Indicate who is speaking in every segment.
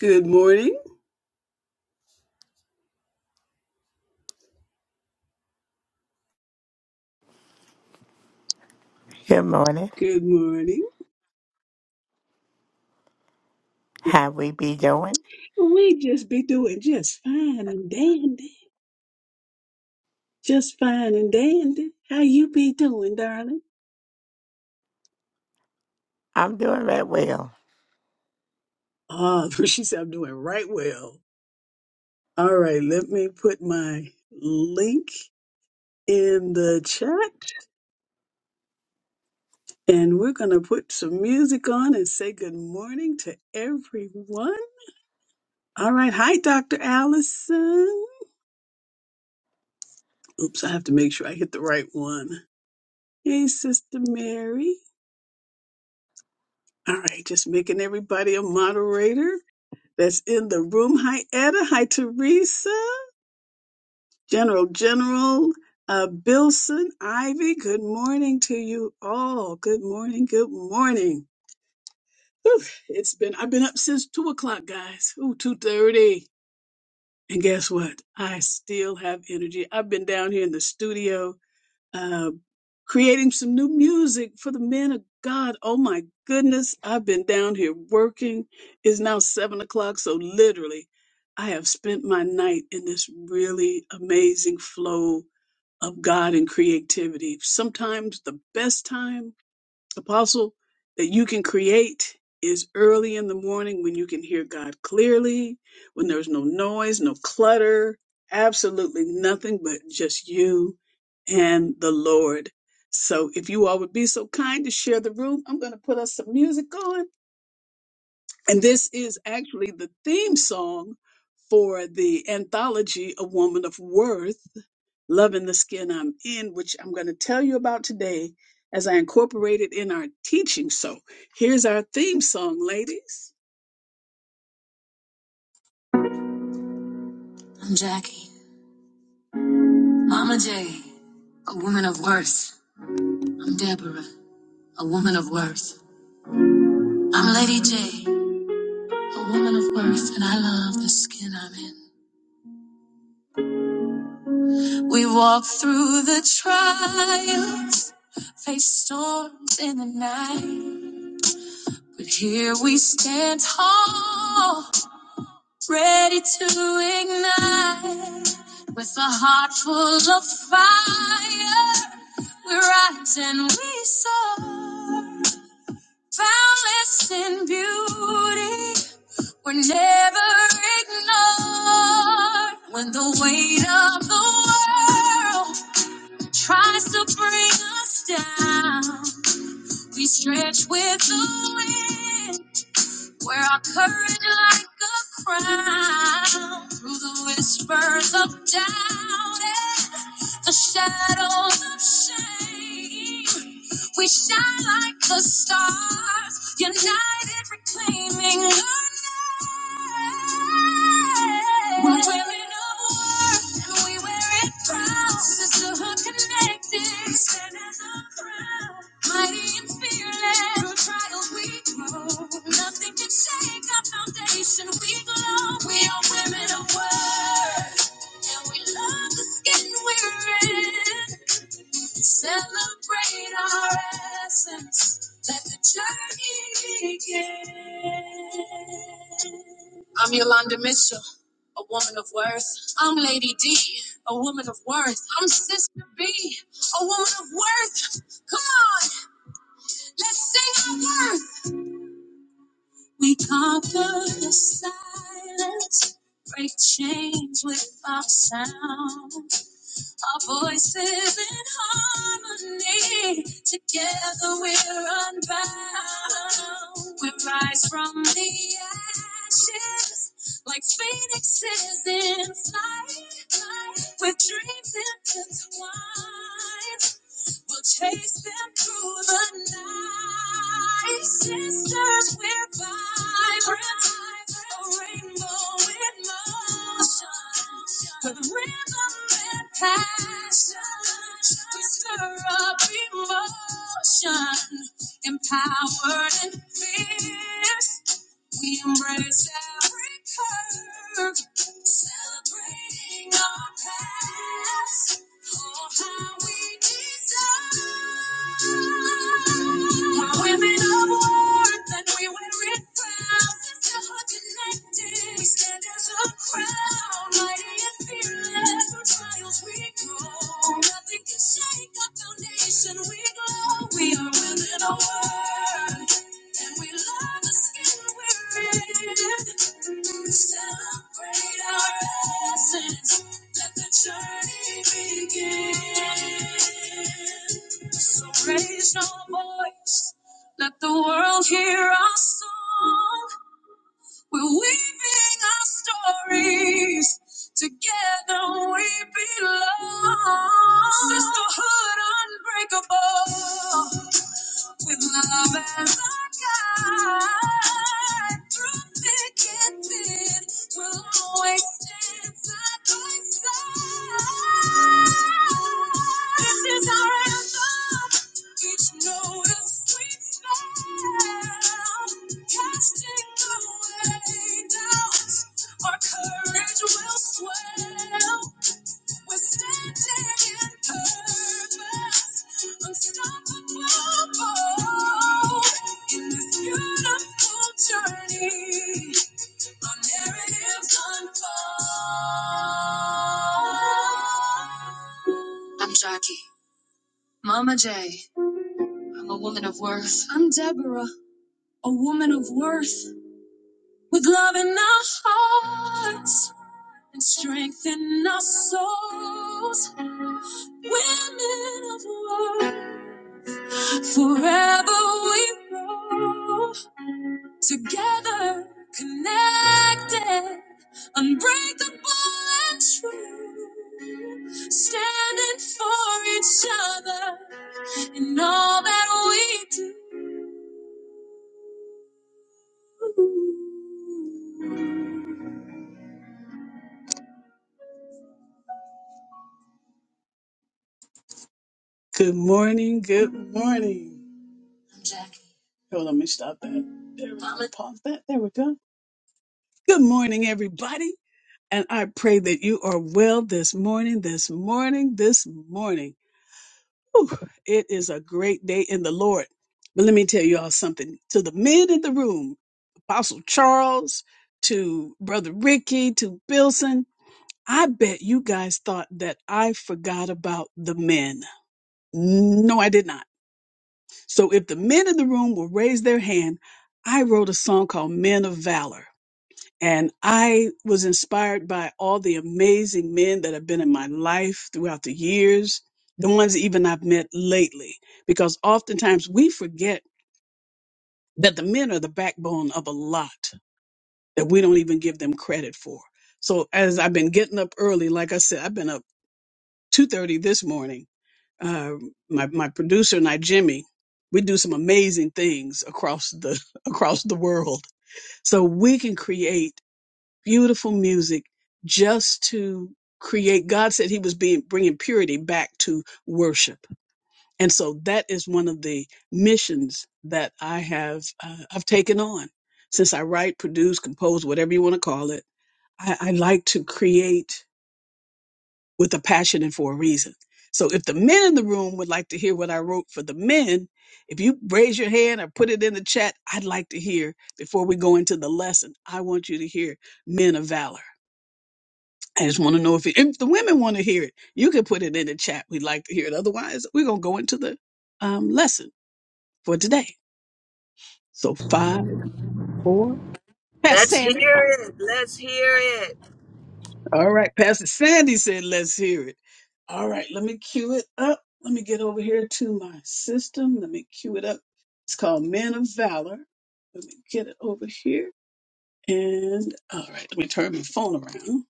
Speaker 1: Good morning.
Speaker 2: Good morning.
Speaker 1: Good morning.
Speaker 2: How we be doing?
Speaker 1: We just be doing just fine and dandy. Just fine and dandy. How you be doing, darling?
Speaker 2: I'm doing right well.
Speaker 1: Ah, she said I'm doing right well. All right, let me put my link in the chat and we're going to put some music on and say good morning to everyone. All right. Hi, Dr. Allison. Oops, I have to make sure I hit the right one. Hey, Sister Mary. All right, just making everybody a moderator that's in the room. Hi, Etta. Hi, Teresa. General, General uh, Bilson, Ivy. Good morning to you all. Good morning. Good morning. Whew, it's been I've been up since two o'clock, guys. Ooh, two thirty. And guess what? I still have energy. I've been down here in the studio uh, creating some new music for the men of God. Oh my goodness, I've been down here working. It's now seven o'clock, so literally, I have spent my night in this really amazing flow of God and creativity. Sometimes the best time apostle that you can create is early in the morning when you can hear God clearly, when there's no noise, no clutter, absolutely nothing but just you and the Lord. So if you all would be so kind to share the room, I'm going to put us some music on. And this is actually the theme song for the anthology A Woman of Worth loving the skin I'm in, which I'm going to tell you about today as I incorporate it in our teaching. So here's our theme song, ladies. I'm Jackie, Mama J, a woman of worth. I'm Deborah, a woman of worth. I'm Lady J, a woman of worth, and I love the skin I'm in. We walk through the trials, face storms in the night, but here we stand tall ready to ignite with a heart full of fire. We rise and we soar, boundless in beauty. We're never ignored when the weight of the world tries to bring us down. We stretch with the wind where our courage like a crown through the whispers of doubt and the shadows of shame. We shine like the stars, united, reclaiming. our we're wearing a war, and we wear it proud. Sisterhood connected, stand as a crowd. Mighty and fearless, through trials we grow. Nothing can shake our foundation, we glow. We are women of worth, and we love the skin we're in. Celebrate our essence. Let the journey begin. I'm Yolanda Mitchell, a woman of worth. I'm Lady D, a woman of worth. I'm Sister B, a woman of worth. Come on, let's sing our worth. We conquer the silence, break chains with our sound. Our voices in harmony, together we're unbound. We rise from the ashes like phoenixes in flight, with dreams intertwined. We'll chase them through the night. Sisters, we're vibrant. A rainbow in motion. With rhythm and passion. We stir up emotion. Empowered and fierce. We embrace every curve, celebrating our past. Oh, how we deserve. We're women of worth, and we wear it proud. Still we're connected, we stand as a crown, mighty and fearless. Through trials we grow, nothing can shake our foundation. We glow. We are women of worth. And we love the skin we're in. Celebrate our essence. Let the journey begin. So raise your voice. Let the world hear our song. We're weaving our stories. Together we belong. Sisterhood unbreakable with love as our guide. Through thick and thin, we'll always stand side by side. This is our anthem. Each note a sweet spell, casting away doubt. Our courage will swell. We're standing in purpose, unstoppable in this beautiful journey. Our narratives unfold. I'm Jackie, Mama J. I'm a woman of worth. I'm Deborah, a woman of worth with love in our hearts and strength in our souls women of worth. Forever we grow together, connected, unbreakable and true, standing for each other in all that we do. Good morning, good morning. I'm Jackie. Hold on, let me stop that. There we go. Pause that. There we go. Good morning, everybody. And I pray that you are well this morning, this morning, this morning. Whew, it is a great day in the Lord. But let me tell you all something. To the men in the room, Apostle Charles, to Brother Ricky, to Bilson, I bet you guys thought that I forgot about the men. No, I did not. So if the men in the room will raise their hand, I wrote a song called Men of Valor. And I was inspired by all the amazing men that have been in my life throughout the years, the ones even I've met lately, because oftentimes we forget that the men are the backbone of a lot that we don't even give them credit for. So as I've been getting up early, like I said, I've been up 2.30 this morning. Uh, my, my producer and I, Jimmy, we do some amazing things across the across the world. So we can create beautiful music just to create god said he was being bringing purity back to worship and so that is one of the missions that i have uh, i've taken on since i write produce compose whatever you want to call it I, I like to create with a passion and for a reason so if the men in the room would like to hear what i wrote for the men if you raise your hand or put it in the chat i'd like to hear before we go into the lesson i want you to hear men of valor I just want to know if, it, if the women want to hear it. You can put it in the chat. We'd like to hear it. Otherwise, we're going to go into the um, lesson for today. So, five, four. Pastor
Speaker 3: Let's hear
Speaker 1: Sandy.
Speaker 3: it. Let's hear it.
Speaker 1: All right. Pastor Sandy said, let's hear it. All right. Let me cue it up. Let me get over here to my system. Let me cue it up. It's called Men of Valor. Let me get it over here. And all right. Let me turn my phone around.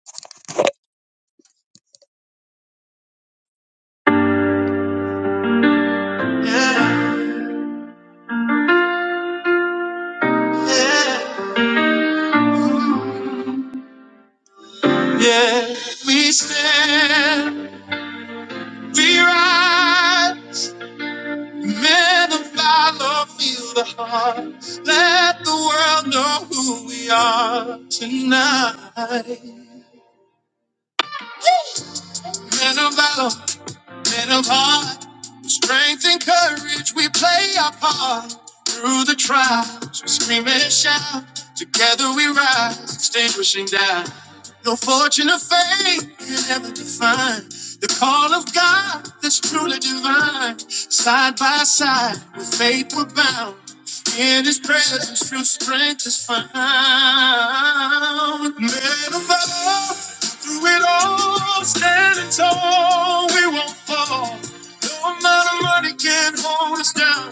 Speaker 1: Yeah, we stand. We rise. Man of thy love, feel the heart. Let the world know who we are tonight. Man of thy men of heart, with strength and courage, we play our part. Through the trials, we scream and shout. Together we rise, extinguishing doubt. No fortune or fate can ever define the call of God that's truly divine. Side by side, with faith we're bound. In His presence, true strength is found. Men of old, through it all, standing tall, we won't fall. No amount of money can hold us down.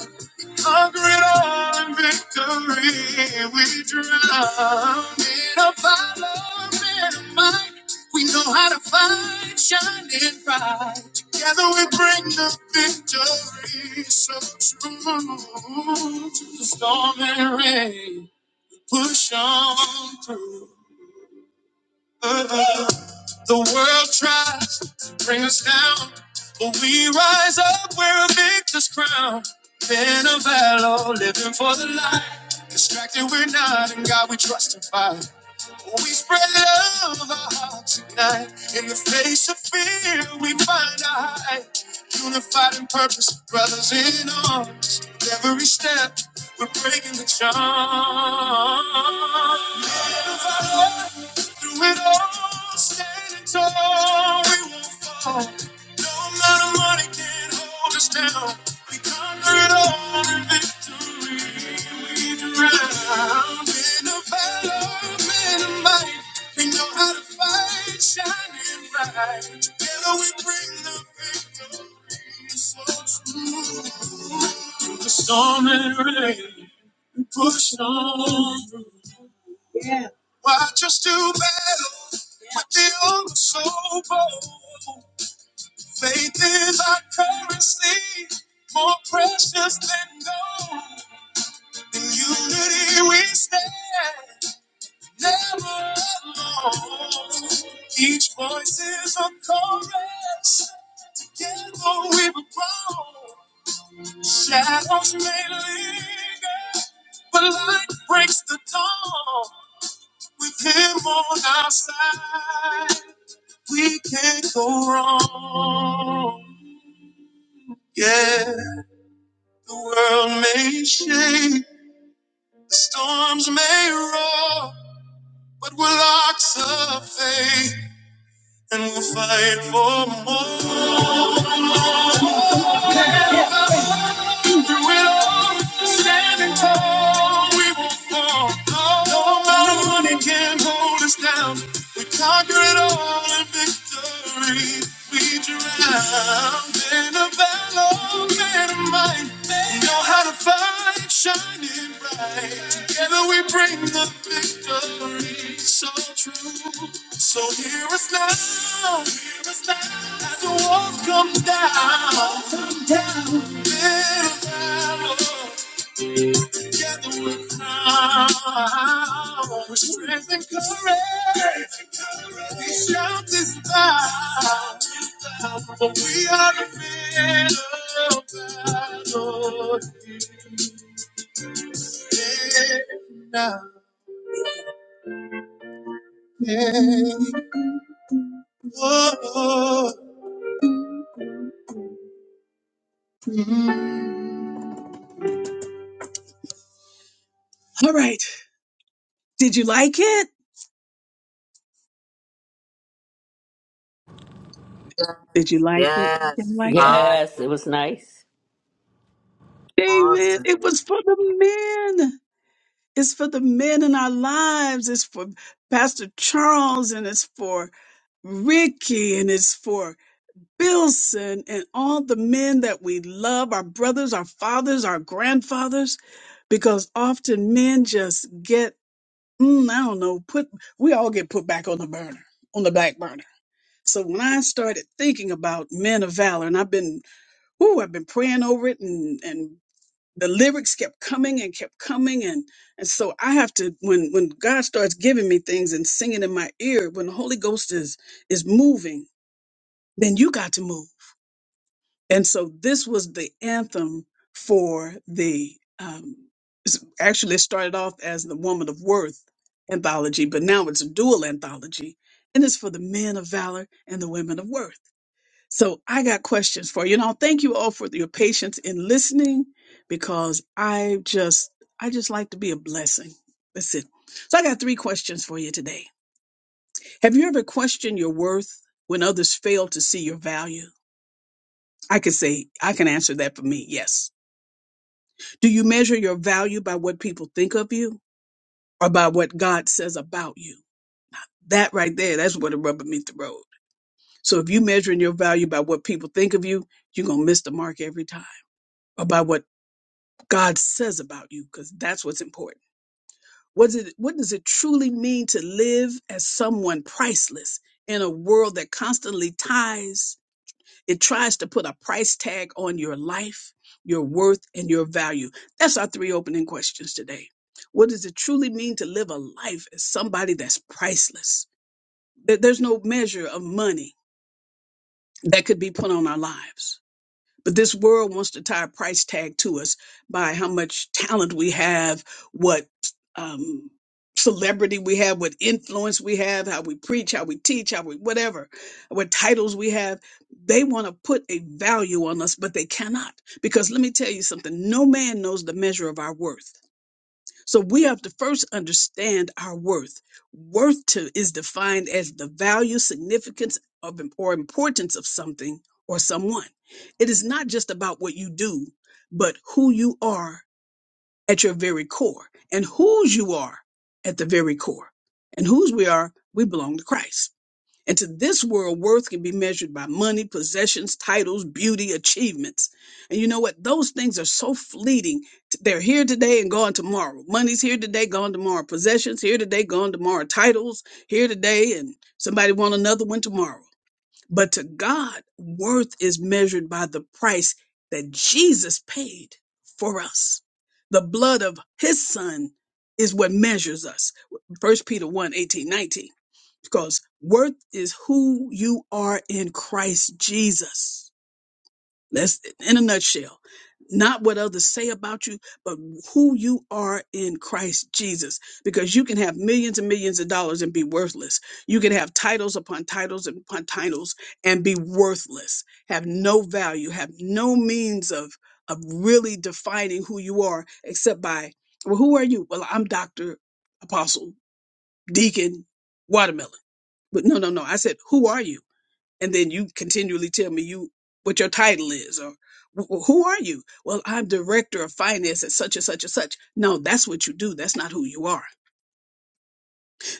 Speaker 1: Conquer it all in victory. We drown in a follow and might. We know how to fight, shining bright. Together we bring the victory. So true to the storm and rain. Push on through. The world tries to bring us down, but we rise up, we're a victor's crown. In a battle, living for the light. Distracted, we're not, and God we trust and find. We spread love, our hearts ignite. In the face of fear, we find our height. Unified in purpose, brothers in arms. With every step, we're breaking the charm. Men of valor. Through it all, standing tall, we won't fall. No amount of money can hold us down. We conquer it all in victory. We drown in a battle, in a might. We know how to fight, shining bright. Together we bring the victory. So through the storm and rain, push on Watch us do battle with the old so bold. Faith is our currency, more precious than gold. In unity we stand, never alone. Each voice is a chorus, together we will grow. Shadows may linger, but light breaks the dawn with Him on our side. We can't go wrong. Yeah, the world may shake, the storms may roar, but we're locks of faith and we'll fight for more. Through it all, standing tall, we won't fall. No amount of money can hold us down. We conquer it all in victory. We drowned in a battle made of might. We know how to fight, shining bright. Together we bring the victory. So true. So here is now. Here is now. As the walls come down. Strength and courage, we shout this but we are the men of battle. Yeah, yeah. Whoa. All right, did you like it? Did you
Speaker 3: Yes.
Speaker 1: like it?
Speaker 3: Yes.
Speaker 1: Didn't like it?
Speaker 3: Fire.
Speaker 4: Yes, it was nice.
Speaker 1: Amen.
Speaker 3: Awesome.
Speaker 1: It was for the men. It's for the men in our lives. It's for Pastor Charles and it's for Ricky and it's for Billson, and all the men that we love, our brothers, our fathers, our grandfathers, because often men just get, mm, I don't know, put, we all get put back on the burner, on the back burner. So when I started thinking about men of valor, and I've been, ooh, I've been praying over it and, and the lyrics kept coming and kept coming and and so i have to when when god starts giving me things and singing in my ear when the holy ghost is is moving then you got to move and so this was the anthem for the um s- actually it started off as the woman of worth anthology but now it's a dual anthology and it's for the men of valor and the women of worth so I got questions for you. And I'll thank you all for your patience in listening because I just I just like to be a blessing. That's it. So I got three questions for you today. Have you ever questioned your worth when others fail to see your value? I could say I can answer that for me. Yes. Do you measure your value by what people think of you or by what God says about you? That right there, that's where the rubber meets the road. So if you are measuring your value by what people think of you, you're gonna miss the mark every time. About what God says about you because that's what's important. What, does it, what does it truly mean to live as someone priceless in a world that constantly ties, it tries to put a price tag on your life, your worth, and your value? That's our three opening questions today. What does it truly mean to live a life as somebody that's priceless? There- There's no measure of money that could be put on our lives But this world wants to tie a price tag to us by how much talent we have, what um, celebrity we have, what influence we have, how we preach, how we teach, how we whatever, what titles we have. They want to put a value on us, but they cannot. Because let me tell you something no man knows the measure of our worth. So we have to first understand our worth. Worth to, is defined as the value, significance, of, or importance of something or someone. It is not just about what you do, but who you are at your very core and whose you are at the very core. And whose we are, we belong to Christ. And to this world, worth can be measured by money, possessions, titles, beauty, achievements. And you know what? Those things are so fleeting. They're here today and gone tomorrow. Money's here today, gone tomorrow. Possessions here today, gone tomorrow. Titles here today, and somebody want another one tomorrow. But to God, worth is measured by the price that Jesus paid for us. The blood of his son is what measures us. First Peter one eighteen nineteen because worth is who you are in Christ Jesus. Let's, in a nutshell, not what others say about you, but who you are in Christ Jesus. Because you can have millions and millions of dollars and be worthless. You can have titles upon titles and upon titles and be worthless, have no value, have no means of, of really defining who you are except by, well, who are you? Well, I'm Dr. Apostle Deacon Watermelon. But no, no, no. I said, who are you? And then you continually tell me you what your title is or "Wh- wh- who are you? Well, I'm director of finance at such and such and such. No, that's what you do. That's not who you are.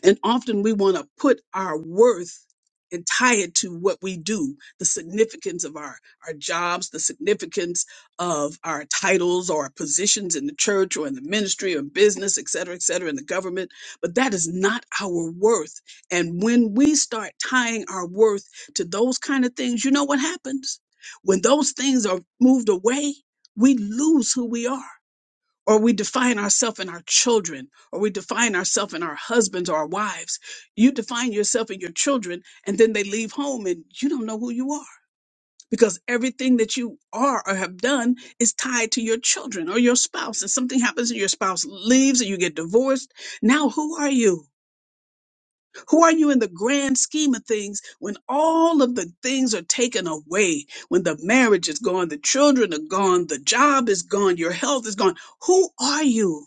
Speaker 1: And often we want to put our worth and tie it to what we do, the significance of our, our jobs, the significance of our titles or our positions in the church or in the ministry or business, et cetera, et cetera, in the government. But that is not our worth. And when we start tying our worth to those kind of things, you know what happens? When those things are moved away, we lose who we are or we define ourselves in our children, or we define ourselves in our husbands or our wives. You define yourself in your children, and then they leave home and you don't know who you are because everything that you are or have done is tied to your children or your spouse. And something happens and your spouse leaves and you get divorced. Now, who are you? Who are you in the grand scheme of things when all of the things are taken away? When the marriage is gone, the children are gone, the job is gone, your health is gone. Who are you?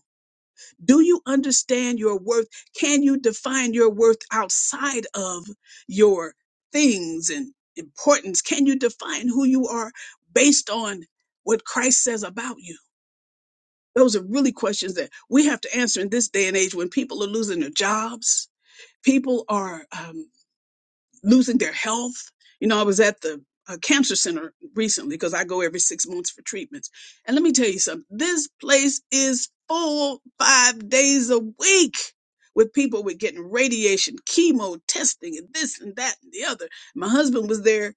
Speaker 1: Do you understand your worth? Can you define your worth outside of your things and importance? Can you define who you are based on what Christ says about you? Those are really questions that we have to answer in this day and age when people are losing their jobs. People are um, losing their health. You know, I was at the uh, cancer center recently because I go every six months for treatments. And let me tell you something this place is full five days a week with people with getting radiation, chemo testing, and this and that and the other. My husband was there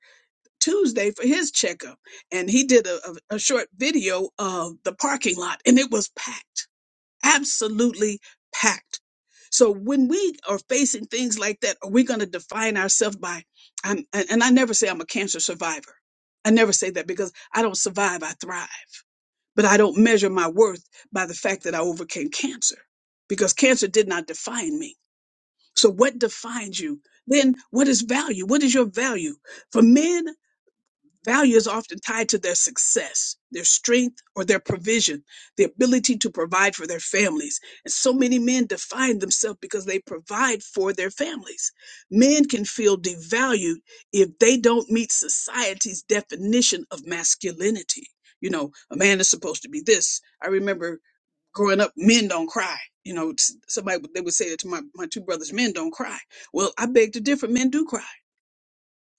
Speaker 1: Tuesday for his checkup and he did a, a, a short video of the parking lot and it was packed absolutely packed. So when we are facing things like that, are we going to define ourselves by? I'm, and and I never say I'm a cancer survivor. I never say that because I don't survive, I thrive. But I don't measure my worth by the fact that I overcame cancer because cancer did not define me. So what defines you? Then what is value? What is your value? For men Value is often tied to their success, their strength, or their provision, the ability to provide for their families. And so many men define themselves because they provide for their families. Men can feel devalued if they don't meet society's definition of masculinity. You know, a man is supposed to be this. I remember growing up, men don't cry. You know, s- somebody they would say it to my, my two brothers, men don't cry. Well, I beg to differ, men do cry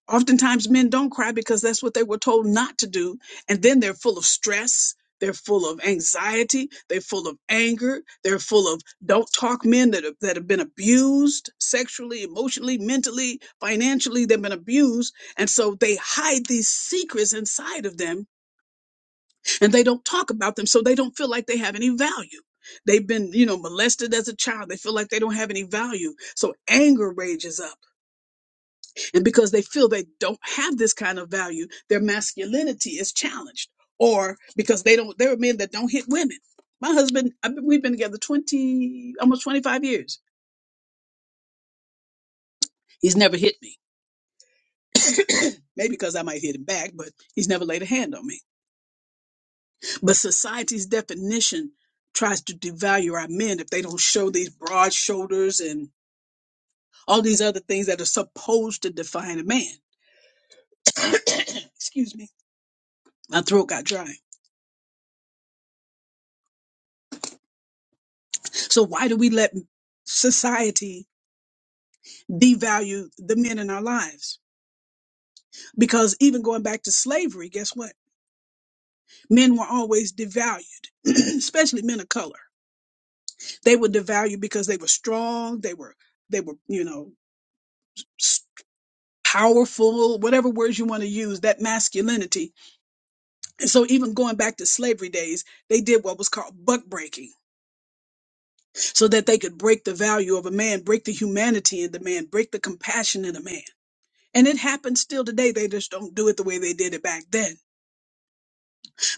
Speaker 1: Oftentimes, men don't cry because that's what they were told not to do. And then they're full of stress. They're full of anxiety. They're full of anger. They're full of don't talk men that have, that have been abused sexually, emotionally, mentally, financially. They've been abused. And so they hide these secrets inside of them and they don't talk about them. So they don't feel like they have any value. They've been, you know, molested as a child. They feel like they don't have any value. So anger rages up and because they feel they don't have this kind of value, their masculinity is challenged. Or because they don't, there are men that don't hit women. My husband, I've been, we've been together 20, almost 25 years. He's never hit me. Maybe because I might hit him back, but he's never laid a hand on me. But society's definition tries to devalue our men if they don't show these broad shoulders and all these other things that are supposed to define a man. Excuse me. My throat got dry. So why do we let society devalue the men in our lives? Because even going back to slavery, guess what? Men were always devalued, especially men of color. They were devalued because they were strong, they were they were, you know, s- powerful, whatever words you want to use, that masculinity. And so even going back to slavery days, they did what was called buck breaking so that they could break the value of a man, break the humanity in the man, break the compassion in a man. And it happens still today. They just don't do it the way they did it back then.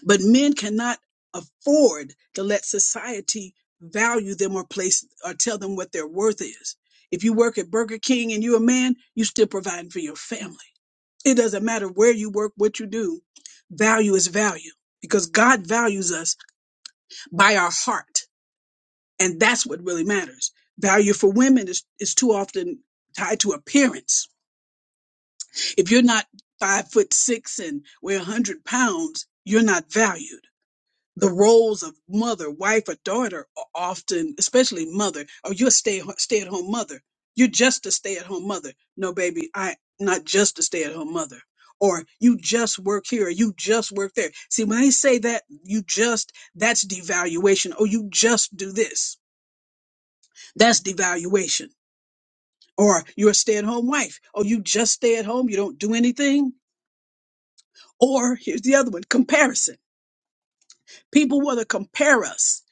Speaker 1: But men cannot afford to let society value them or place or tell them what their worth is. If you work at Burger King and you're a man, you still providing for your family. It doesn't matter where you work, what you do. Value is value because God values us by our heart. And that's what really matters. Value for women is, is too often tied to appearance If you're not five foot six and weigh 100 pounds, you're not valued. The roles of mother, wife, or daughter are often, especially mother, or you're a stay, stay at home mother. You're just a stay at home mother. No, baby, i not just a stay at home mother. Or you just work here, or you just work there. See, when they say that, you just, that's devaluation. Oh, you just do this. That's devaluation. Or you're a stay at home wife. Oh, you just stay at home, you don't do anything Or here's the other one comparison. People want to compare us.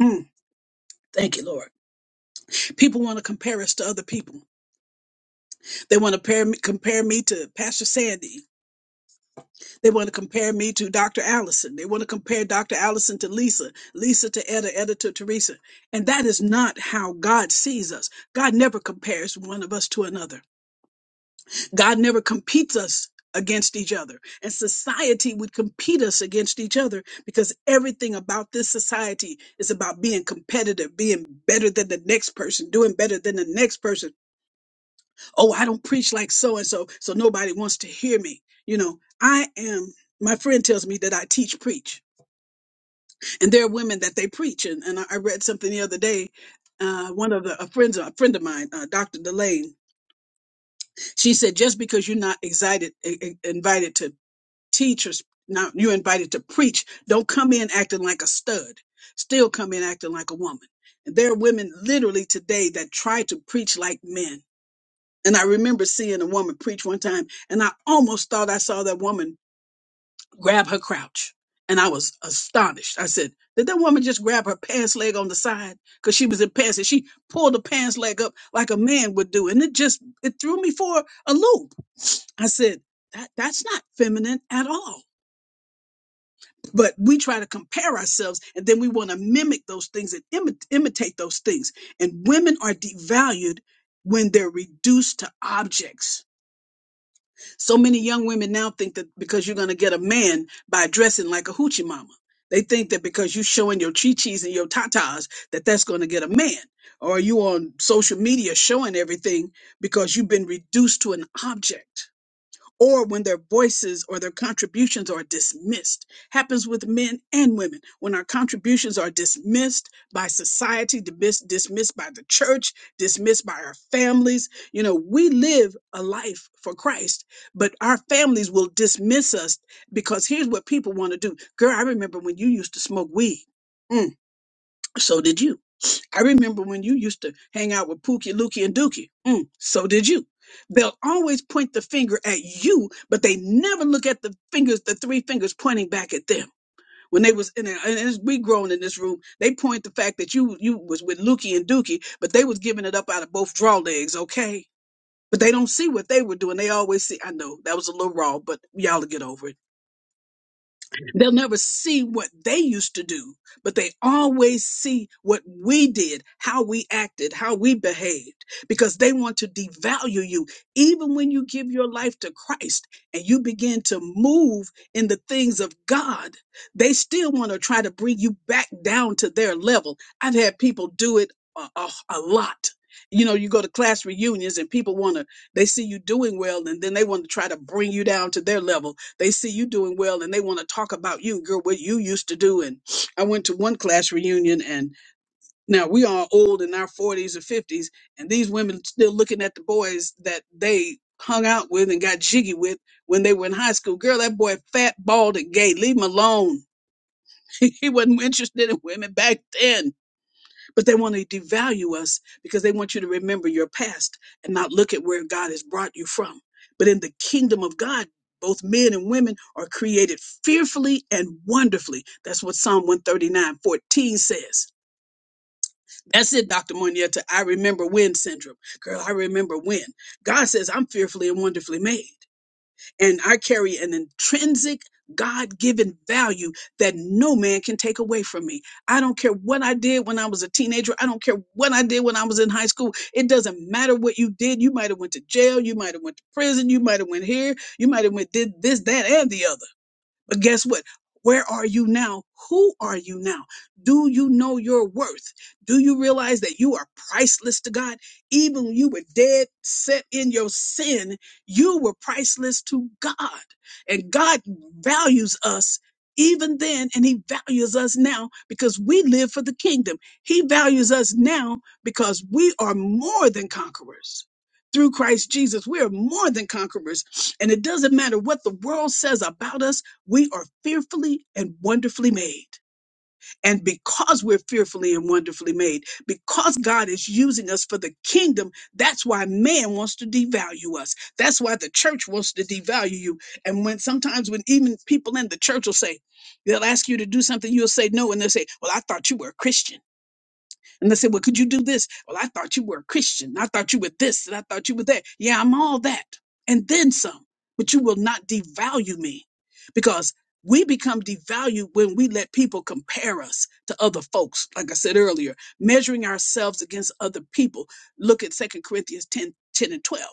Speaker 1: Mm, thank you, Lord. People want to compare us to other people. They want to pair compare me to Pastor Sandy. They want to compare me to Dr. Allison. They want to compare Dr. Allison to Lisa, Lisa to Etta, Etta to Teresa. And that is not how God sees us. God never compares one of us to another. God never competes us against each other. And society would compete us against each other because everything about this society is about being competitive, being better than the next person, doing better than the next person. Oh, I don't preach like so and so, so nobody wants to hear me. You know, I am. My friend tells me that I teach preach, and there are women that they preach. And, and I I read something the other day. Uh, one of the a friends, a friend of mine, uh, Dr. Delane, she said, just because you're not excited, i- i- invited to teachers now you're invited to preach don't come in acting like a stud still come in acting like a woman and there are women literally today that try to preach like men and i remember seeing a woman preach one time and i almost thought i saw that woman grab her crotch, and i was astonished i said did that woman just grab her pants leg on the side because she was in pants and she pulled the pants leg up like a man would do and it just it threw me for a loop i said that that's not feminine at all but we try to compare ourselves and then we want to mimic those things and imi- imitate those things and women are devalued when they're reduced to objects so many young women now think that because you're going to get a man by dressing like a hoochie mama they think that because you're showing your chi-chis and your tatas that that's going to get a man or you on social media showing everything because you've been reduced to an object or when their voices or their contributions are dismissed. Happens with men and women. When our contributions are dismissed by society, dismiss- dismissed by the church, dismissed by our families. You know, we live a life for Christ, but our families will dismiss us because here's what people want to do. Girl, I remember when you used to smoke weed. Mm, so did you. I remember when you used to hang out with Pookie, Lukey, and Dookie. Mm, so did you. They'll always point the finger at you, but they never look at the fingers, the three fingers pointing back at them. When they was in, a, and as we grown in this room, they point the fact that you you was with Lukey and Dookie, but they was giving it up out of both draw legs, okay? But they don't see what they were doing. They always see. I know that was a little raw, but y'all will get over it. They'll never see what they used to do, but they always see what we did, how we acted, how we behaved, because they want to devalue you. Even when you give your life to Christ and you begin to move in the things of God, they still want to try to bring you back down to their level. I've had people do it a, a, a lot. You know, you go to class reunions and people want to, they see you doing well and then they want to try to bring you down to their level they see you doing well and they want to talk about you, girl, what you used to do. And I went to one class reunion and now we are old in our 40s or 50s, and these women still looking at the boys that they hung out with and got jiggy with when they were in high school. Girl, that boy fat, bald, and gay. Leave him alone. he wasn't interested in women back then but they want to devalue us because they want you to remember your past and not look at where God has brought you from. But in the kingdom of God, both men and women are created fearfully and wonderfully. That's what Psalm one thirty nine fourteen says. That's it, Dr. Monietta. I remember when syndrome. Girl, I remember when. God says, I'm fearfully and wonderfully made. And I carry an intrinsic God given value that no man can take away from me. I don't care what I did when I was a teenager. I don't care what I did when I was in high school. It doesn't matter what you did. You might have went to jail. You might have went to prison. You might have went here. You might have went did this, that, and the other. But guess what? Where are you now? Who are you now? Do you know your worth? Do you realize that you are priceless to God? Even when you were dead, set in your sin, you were priceless to God. And God values us even then, and He values us now because we live for the kingdom. He values us now because we are more than conquerors. Through Christ Jesus, we are more than conquerors. And it doesn't matter what the world says about us. We are fearfully and wonderfully made. And because we're fearfully and wonderfully made, because God is using us for the kingdom, that's why man wants to devalue us. That's why the church wants to devalue you. And when sometimes when even people in the church will say, they'll ask you to do something, you'll say no, and they'll say, Well, I thought you were a Christian. And they said, Well, could you do this? Well, I thought you were a Christian. I thought you were this and I thought you were that. Yeah, I'm all that. And then some. But you will not devalue me because we become devalued when we let people compare us to other folks. Like I said earlier, measuring ourselves against other people. Look at Second Corinthians 10, 10 and 12.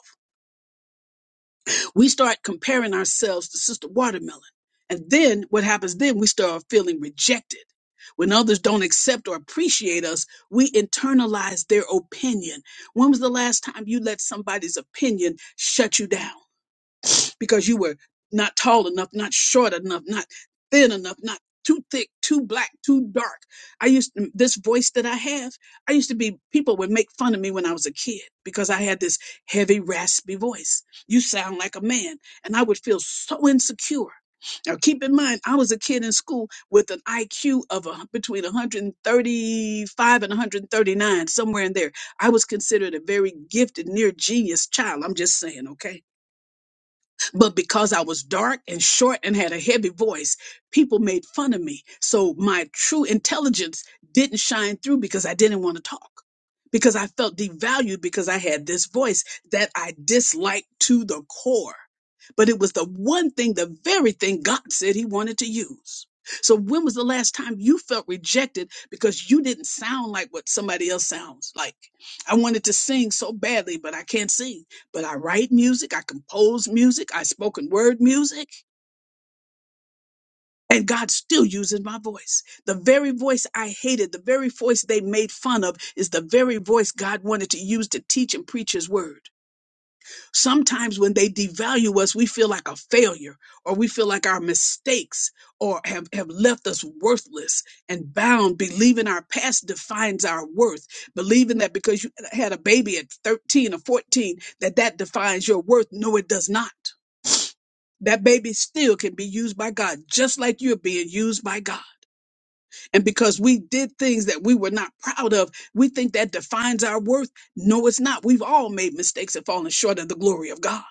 Speaker 1: We start comparing ourselves to Sister Watermelon. And then what happens then? We start feeling rejected. When others don't accept or appreciate us, we internalize their opinion. When was the last time you let somebody's opinion shut you down? because you were not tall enough, not short enough, not thin enough, not too thick, too black, too dark. I used to, this voice that I have, I used to be, people would make fun of me when I was a kid because I had this heavy, raspy voice. You sound like a man. And I would feel so insecure. Now, keep in mind, I was a kid in school with an IQ of a, between 135 and 139, somewhere in there. I was considered a very gifted, near genius child. I'm just saying, okay? But because I was dark and short and had a heavy voice, people made fun of me. So my true intelligence didn't shine through because I didn't want to talk, because I felt devalued because I had this voice that I disliked to the core. But it was the one thing, the very thing God said He wanted to use. So when was the last time you felt rejected because you didn't sound like what somebody else sounds like? I wanted to sing so badly, but I can't sing but I write music, I compose music, I spoken word music, and God still uses my voice. The very voice I hated, the very voice they made fun of, is the very voice God wanted to use to teach and preach His word. Sometimes when they devalue us, we feel like a failure, or we feel like our mistakes or have, have left us worthless and bound, believing our past defines our worth, believing that because you had a baby at 13 or 14, that that defines your worth. No, it does not that baby still can be used by God, just like you're being used by God. And because we did things that we were not proud of, we think that defines our worth. No, it's not. We've all made mistakes and fallen short of the glory of God.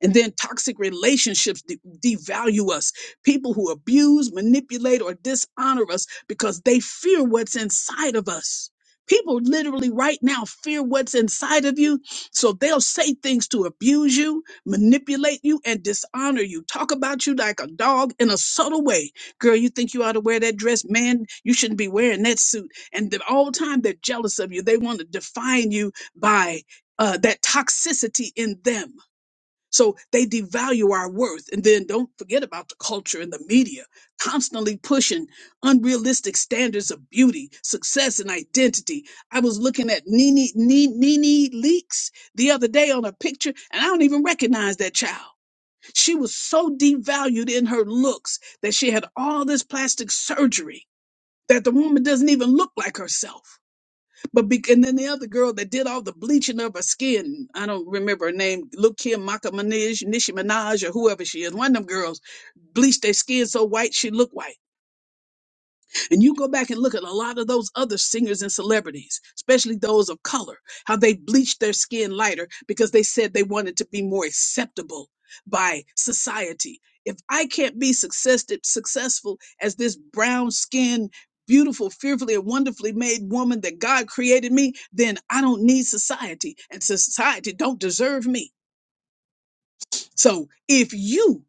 Speaker 1: And then toxic relationships de- devalue us. People who abuse, manipulate, or dishonor us because they fear what's inside of us. People literally right now fear what's inside of you. So they'll say things to abuse you, manipulate you, and dishonor you. Talk about you like a dog in a subtle way. Girl, you think you ought to wear that dress? Man, you shouldn't be wearing that suit. And the- all the time they're jealous of you. They want to define you by uh, that toxicity in them so they devalue our worth. And then don't forget about the culture and the media constantly pushing unrealistic standards of beauty, success, and identity. I was looking at Nene, Nene, Nene Leaks the other day on a picture, and I don't even recognize that child. She was so devalued in her looks that she had all this plastic surgery that the woman doesn't even look like herself. But be- and then the other girl that did all the bleaching of her skin, I don't remember her name, Look Kim Maka Minaj, Nishi Minaj, or whoever she is, one of them girls bleached their skin so white she looked white. And you go back and look at a lot of those other singers and celebrities, especially those of color, how they bleached their skin lighter because they said they wanted to be more acceptable by society. If I can't be success- successful as this brown skinned, beautiful, fearfully, and wonderfully made woman that God created me, then I don't need society, and society don't deserve me. So if you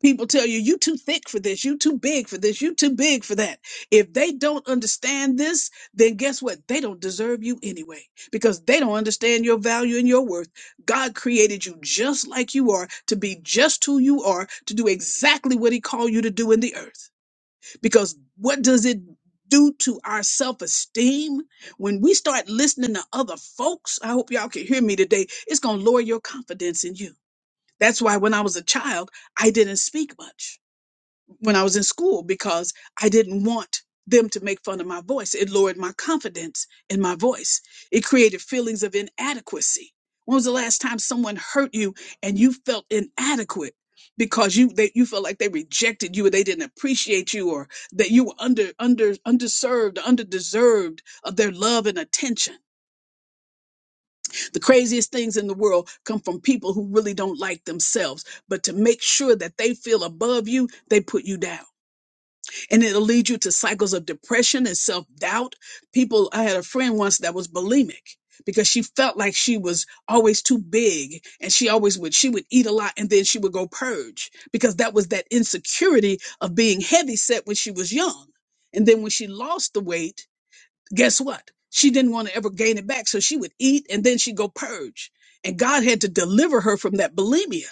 Speaker 1: People tell you, you too thick for this, you too big for this, you too big for that. If they don't understand this, then guess what? They don't deserve you anyway because they don't understand your value and your worth. God created you just like you are to be just who you are, to do exactly what He called you to do in the earth. Because what does it do to our self esteem? When we start listening to other folks, I hope y'all can hear me today, it's going to lower your confidence in you. That's why when I was a child, I didn't speak much when I was in school because I didn't want them to make fun of my voice. It lowered my confidence in my voice. It created feelings of inadequacy. When was the last time someone hurt you and you felt inadequate because you they, you felt like they rejected you or they didn't appreciate you or that you were under under underserved, underdeserved of their love and attention. The craziest things in the world come from people who really don't like themselves, but to make sure that they feel above you, they put you down and it'll lead you to cycles of depression and self doubt. People, I had a friend once that was bulimic because she felt like she was always too big and she always would she would eat a lot and then she would go purge because that was that insecurity of being heavy set when she was young and then when she lost the weight guess what she didn't want to ever gain it back so she would eat and then she'd go purge and god had to deliver her from that bulimia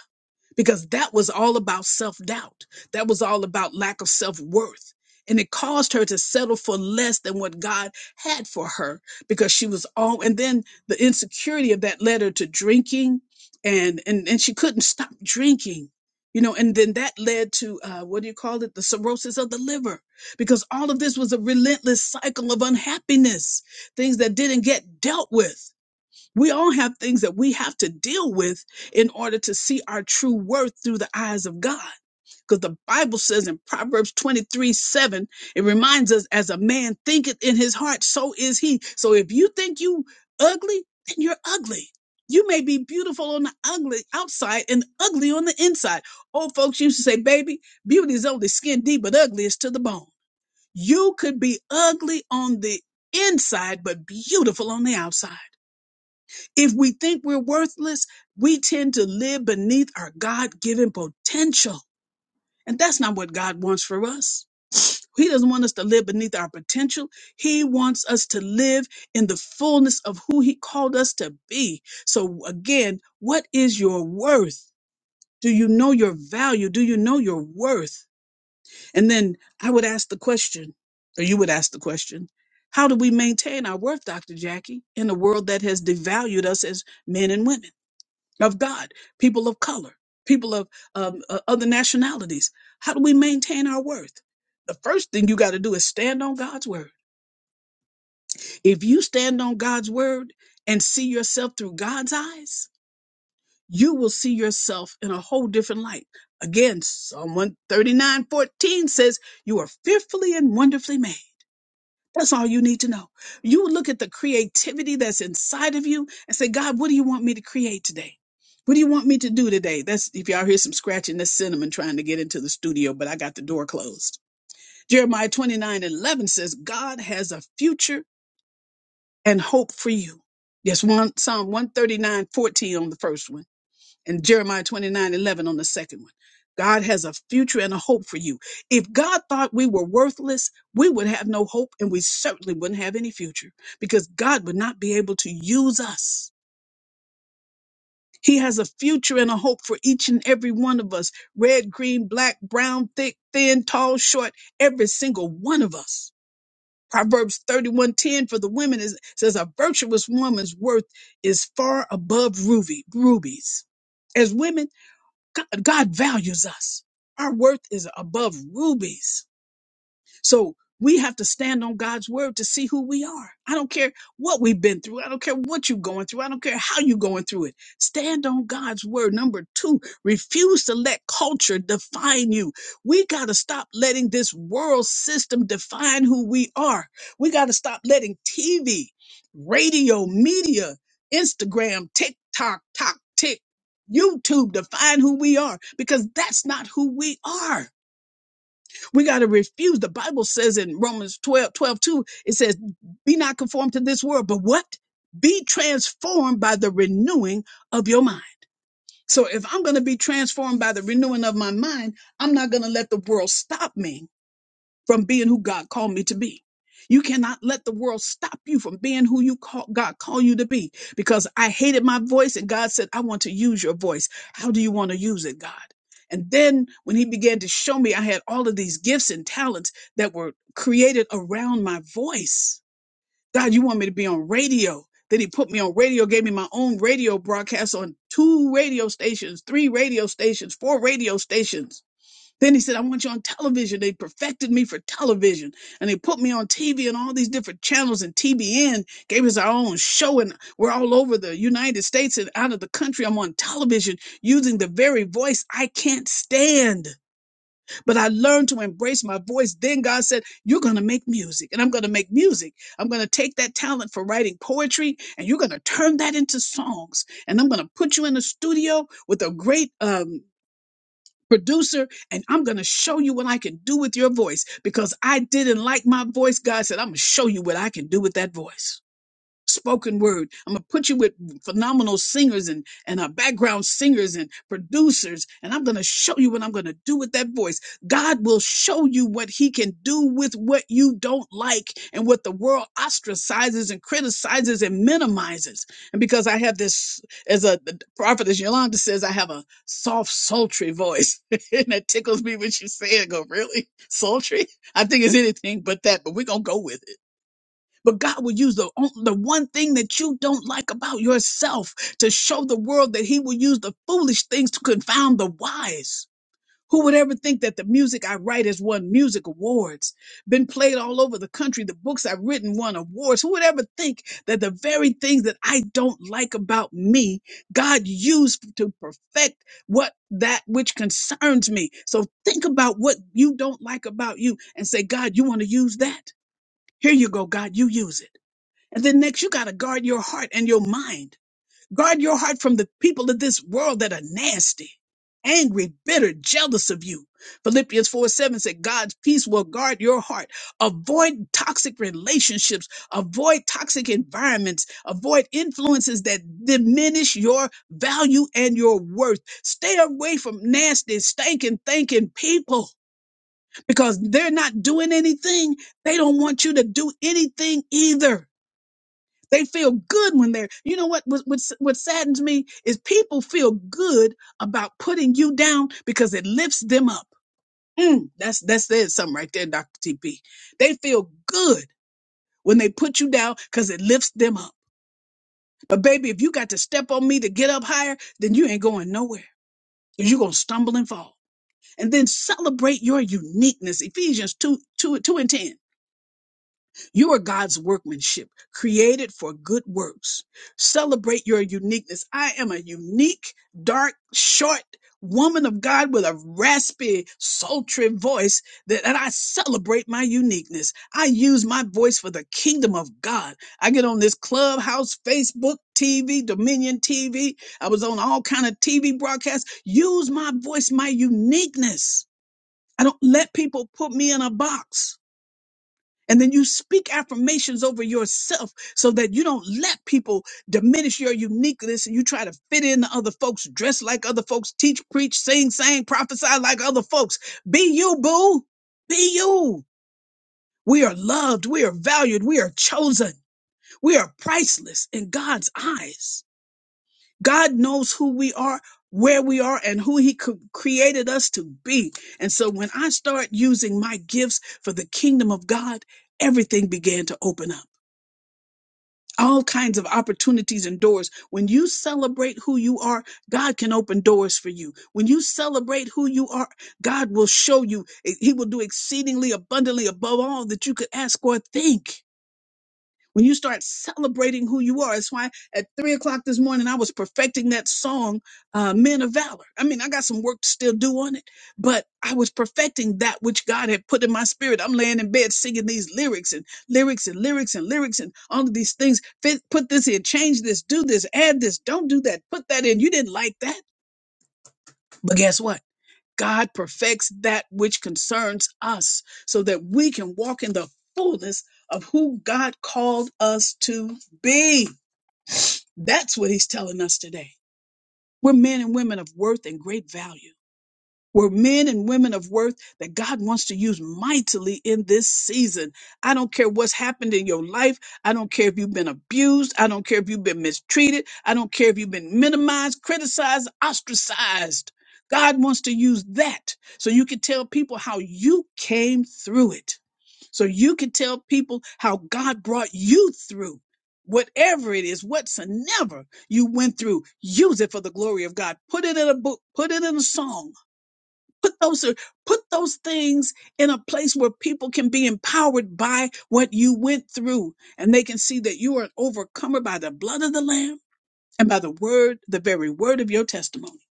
Speaker 1: because that was all about self doubt. That was all about lack of self worth. And it caused her to settle for less than what God had for her because she was all, and then the insecurity of that led her to drinking and, and, and she couldn't stop drinking, you know, and then that led to, uh, what do you call it? The cirrhosis of the liver because all of this was a relentless cycle of unhappiness, things that didn't get dealt with. We all have things that we have to deal with in order to see our true worth through the eyes of God. Because the Bible says in Proverbs 23 7, it reminds us, as a man thinketh in his heart, so is he. So if you think you ugly, then you're ugly. You may be beautiful on the ugly outside and ugly on the inside. Old folks used to say, baby, beauty is only skin deep, but ugly is to the bone. You could be ugly on the inside, but beautiful on the outside. If we think we're worthless, we tend to live beneath our God given potential. And that's not what God wants for us. He doesn't want us to live beneath our potential. He wants us to live in the fullness of who He called us to be. So, again, what is your worth? Do you know your value? Do you know your worth? And then I would ask the question, or you would ask the question, how do we maintain our worth, Dr. Jackie, in a world that has devalued us as men and women? of God, people of color, people of um, uh, other nationalities. How do we maintain our worth? The first thing you got to do is stand on God's word. If you stand on God's word and see yourself through God's eyes, you will see yourself in a whole different light. Again, Psalm one thirty nine fourteen says, You are fearfully and wonderfully made. That's all you need to know. You look at the creativity that's inside of you and say, God, what do you want me to create today? What do you want me to do today? That's if y'all hear some scratching, that's cinnamon trying to get into the studio, but I got the door closed. Jeremiah 29 and 11 says, God has a future and hope for you. Yes, one Psalm one thirty nine fourteen on the first one and Jeremiah 29 11 on the second one. God has a future and a hope for you. If God thought we were worthless, we would have no hope and we certainly wouldn't have any future because God would not be able to use us. He has a future and a hope for each and every one of us red, green, black, brown, thick, thin, tall, short, every single one of us. Proverbs 31:10 for the women is, says a virtuous woman's worth is far above ruby, rubies. As women, God, God values us. Our worth is above rubies. So we have to stand on God's word to see who we are. I don't care what we've been through. I don't care what you're going through. I don't care how you're going through it. Stand on God's word. Number two, refuse to let culture define you. We got to stop letting this world system define who we are. We got to stop letting TV, radio, media, Instagram, TikTok, Tok, Tik, YouTube define who we are because that's not who we are. We got to refuse. The Bible says in Romans 12 12 2. it says, Be not conformed to this world, but what? Be transformed by the renewing of your mind. So if I'm going to be transformed by the renewing of my mind, I'm not going to let the world stop me from being who God called me to be. You cannot let the world stop you from being who you call, God called you to be because I hated my voice and God said, I want to use your voice. How do you want to use it, God? And then when he began to show me I had all of these gifts and talents that were created around my voice. God, you want me to be on radio. Then he put me on radio, gave me my own radio broadcast on two radio stations, three radio stations, four radio stations then he said, I want you on television. They perfected me for television and they put me on TV and all these different channels and TBN gave us our own show. And we're all over the United States and out of the country. I'm on television using the very voice I can't stand, but I learned to embrace my voice. Then God said, you're going to make music and I'm going to make music. I'm going to take that talent for writing poetry and you're going to turn that into songs. And I'm going to put you in a studio with a great, um, producer, and I'm going to show you what I can do with your voice because I didn't like my voice. God said, I'm going to show you what I can do with that voice spoken word. I'm gonna put you with phenomenal singers and and uh, background singers and producers, and I'm gonna show you what I'm gonna do with that voice. God will show you what He can do with what you don't like and what the world ostracizes and criticizes and minimizes. And because I have this, as a the prophetess Yolanda says, I have a soft, sultry voice, and that tickles me when she say it. I Go really sultry? I think it's anything but that, but we're gonna go with it but God will use the, on- the one thing that you don't like about yourself to show the world that He will use the foolish things to confound the wise. Who would ever think that the music I write has won music awards, been played all over the country, the books I've written won awards? Who would ever think that the very things that I don't like about me, God used to perfect what that which concerns me? So think about what you don't like about you and say, God, you want to use that? Here you go, God, you use it. And then next, you got to guard your heart and your mind. Guard your heart from the people of this world that are nasty, angry, bitter, jealous of you. Philippians 4 7 said, God's peace will guard your heart. Avoid toxic relationships, avoid toxic environments, avoid influences that diminish your value and your worth. Stay away from nasty, stinking, thinking people because they're not doing anything. They don't want you to do anything either. They feel good when they're, you know what, what, what, what saddens me is people feel good about putting you down because it lifts them up. Mm, that's, that's there's something right there, Dr. TP. They feel good when they put you down because it lifts them up. But baby, if you got to step on me to get up higher, then you ain't going nowhere because you're going to stumble and fall. And then celebrate your uniqueness. Ephesians 2 2 2 and 10. You are God's workmanship, created for good works. Celebrate your uniqueness. I am a unique, dark, short woman of God with a raspy, sultry voice that, and I celebrate my uniqueness. I use my voice for the kingdom of God. I get on this clubhouse, Facebook, TV, Dominion TV. I was on all kind of TV broadcasts. Use my voice, my uniqueness. I don't let people put me in a box. And then you speak affirmations over yourself so that you don't let people diminish your uniqueness and you try to fit in to other folks, dress like other folks, teach, preach, sing, sang, prophesy like other folks. Be you, boo. Be you. We are loved. We are valued. We are chosen. We are priceless in God's eyes. God knows who we are, where we are, and who He cr- created us to be. And so when I start using my gifts for the kingdom of God, everything began to open up. all kinds of opportunities and doors. When you celebrate who you are, God can open doors for you. When you celebrate who you are, God will show you. He will do exceedingly abundantly above all that you could ask or think when you start celebrating who you are. it's why at three o'clock this morning, I was perfecting that song, uh, Men of Valor. I mean, I got some work to still do on it, but I was perfecting that which God had put in my spirit. I'm laying in bed singing these lyrics and lyrics and lyrics and lyrics and all of these things. Fit, put this in, change this, do this, add this, don't do that, put that in. You didn't like that, but guess what? God perfects that which concerns us so that we can walk in the fullness of who God called us to be. That's what he's telling us today. We're men and women of worth and great value we're men and women of worth that God wants to use mightily in this season. I don't care what's happened in your life. I don't care if you've been abused. I don't care if you've been mistreated. I don't care if you've been minimized, criticized, ostracized. God wants to use that so you can tell people how you came through it. So you can tell people how God brought you through. Whatever it is, whatsoever you went through, use it for the glory of God. Put it in a book, put it in a song, put those put those things in a place where people can be empowered by what you went through and they can see that you are an overcomer by the blood of the lamb and by the word the very word of your testimony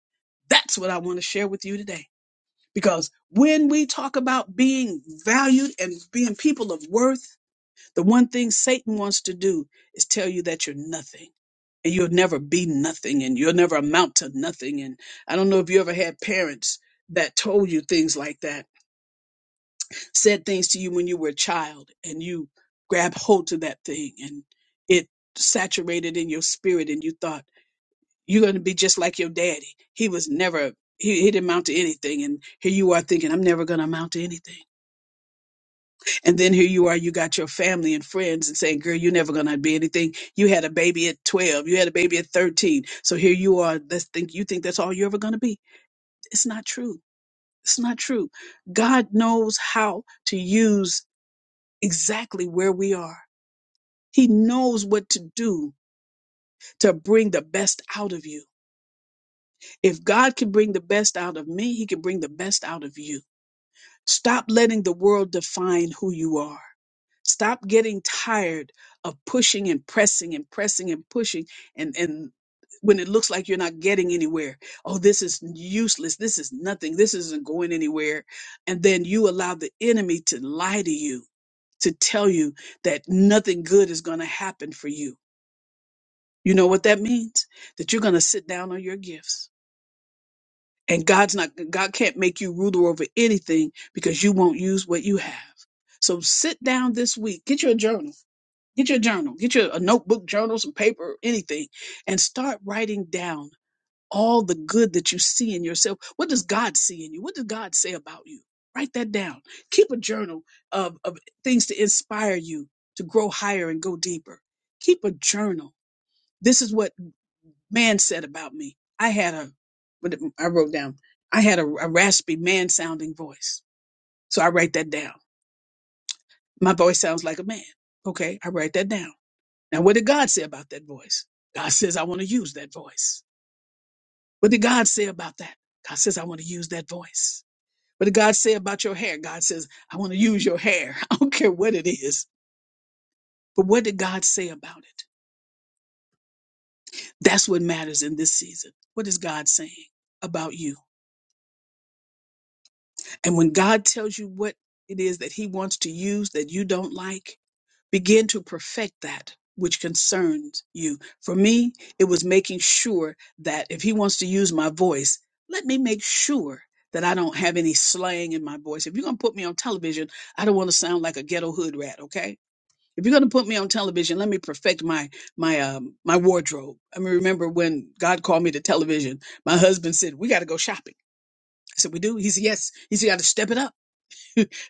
Speaker 1: that's what i want to share with you today because when we talk about being valued and being people of worth the one thing satan wants to do is tell you that you're nothing and you'll never be nothing and you'll never amount to nothing and i don't know if you ever had parents that told you things like that said things to you when you were a child and you grabbed hold to that thing and it saturated in your spirit and you thought you're going to be just like your daddy he was never he, he didn't amount to anything and here you are thinking i'm never going to amount to anything and then here you are you got your family and friends and saying girl you're never going to be anything you had a baby at 12 you had a baby at 13 so here you are let's think you think that's all you're ever going to be it's not true it's not true god knows how to use exactly where we are. He knows what to do to bring the best out of you. If God can bring the best out of me, He can bring the best out of you. Stop letting the world define who you are. Stop getting tired of pushing and pressing and pressing and pushing and, and when it looks like you're not getting anywhere. Oh, this is useless. This is nothing. This isn't going anywhere. And then you allow the enemy to lie to you, to tell you that nothing good is going to happen for you You know what that means? That you're going to sit down on your gifts. And God's not, God can't make you ruler over anything because you won't use what you have. So sit down this week, get your journal, get your journal, get your a notebook, journal, some paper, anything, and start writing down all the good that you see in yourself. What does God see in you? What does God say about you? Write that down. Keep a journal of, of things to inspire you to grow higher and go deeper. Keep a journal. This is what man said about me. I had a, what did- I wrote down, I had a, a raspy man sounding voice. So I write that down. My voice sounds like a man. Okay. I write that down. Now, what did God say about that voice? God says, I want to use that voice. What did God say about that? God says, I want to use that voice. What did God say about your hair? God says, I want to use your hair. I don't care what it is. But what did God say about it? That's what matters in this season. What is God saying about you? And when God tells you what it is that he wants to use that you don't like, begin to perfect that which concerns you. For me, it was making sure that if he wants to use my voice, let me make sure that I don't have any slang in my voice. If you're going to put me on television, I don't want to sound like a ghetto hood rat, okay? If you're going to put me on television, let me perfect my my um my wardrobe. I mean, remember when God called me to television, my husband said, "We got to go shopping." I said, "We do." He said, "Yes." He said, "You got to step it up."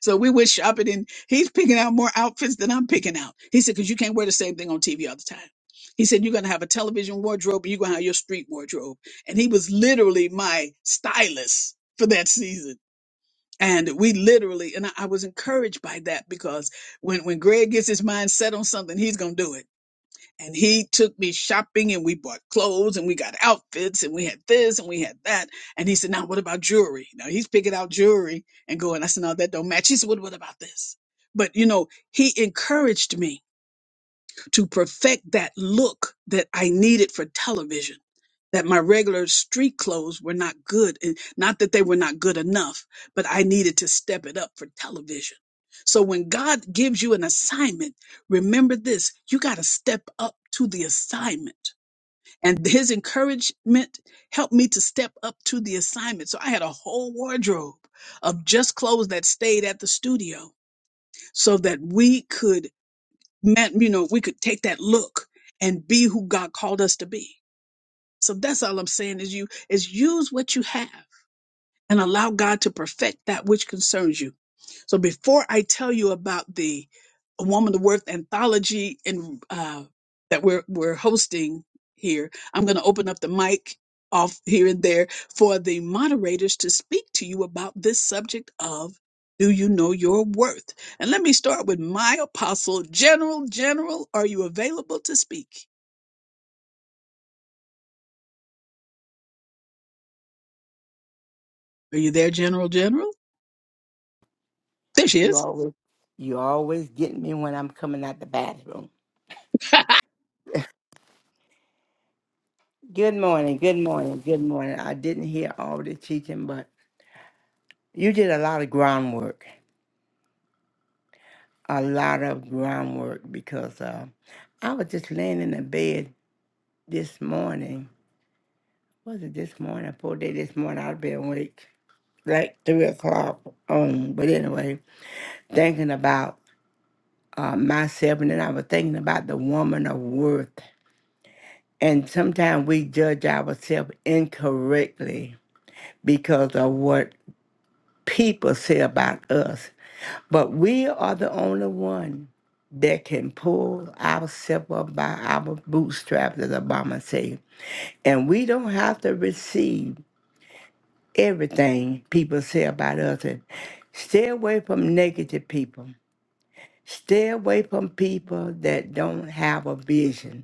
Speaker 1: So we went shopping and he's picking out more outfits than I'm picking out. He said, because you can't wear the same thing on TV all the time. He said, you're going to have a television wardrobe and you're going to have your street wardrobe. And he was literally my stylist for that season. And we literally, and I I was encouraged by that because when, when Greg gets his mind set on something, he's going to do it and he took me shopping and we bought clothes and we got outfits and we had this and we had that. And he said, Now what about jewelry? Now he's picking out jewelry and going, I said, No, that don't match. He said, What, what about this? But you know, he encouraged me to perfect that look that I needed for television. That my regular street clothes were not good, and not that they were not good enough, but I needed to step it up for television. So when God gives you an assignment, remember this you got to step up to the assignment. And his encouragement helped me to step up to the assignment. So I had a whole wardrobe of just clothes that stayed at the studio so that we could meant, you know, if we could take that look and be who God called us to be. So that's all I'm saying is you is use what you have and allow God to perfect that which concerns you. So before I tell you about the A Woman of Worth anthology and uh, that we're we're hosting here, I'm going to open up the mic off here and there for the moderators to speak to you about this subject of do you know your worth? And let me start with my apostle, General. General, are you available to speak? Are you there, General? General? There she
Speaker 2: You
Speaker 1: is.
Speaker 2: always you always get me when I'm coming out the bathroom. Good morning, good morning, good morning. I didn't hear all the teaching, but you did a lot of groundwork. A lot of groundwork because uh, I was just laying in the bed this morning. Was it this morning? Four day this morning I'd been awake like three o'clock on. But anyway, thinking about uh, myself, and then I was thinking about the woman of worth. And sometimes we judge ourselves incorrectly because of what people say about us. But we are the only one that can pull ourselves up by our bootstraps, as Obama said. And we don't have to receive everything people say about us. And stay away from negative people. Stay away from people that don't have a vision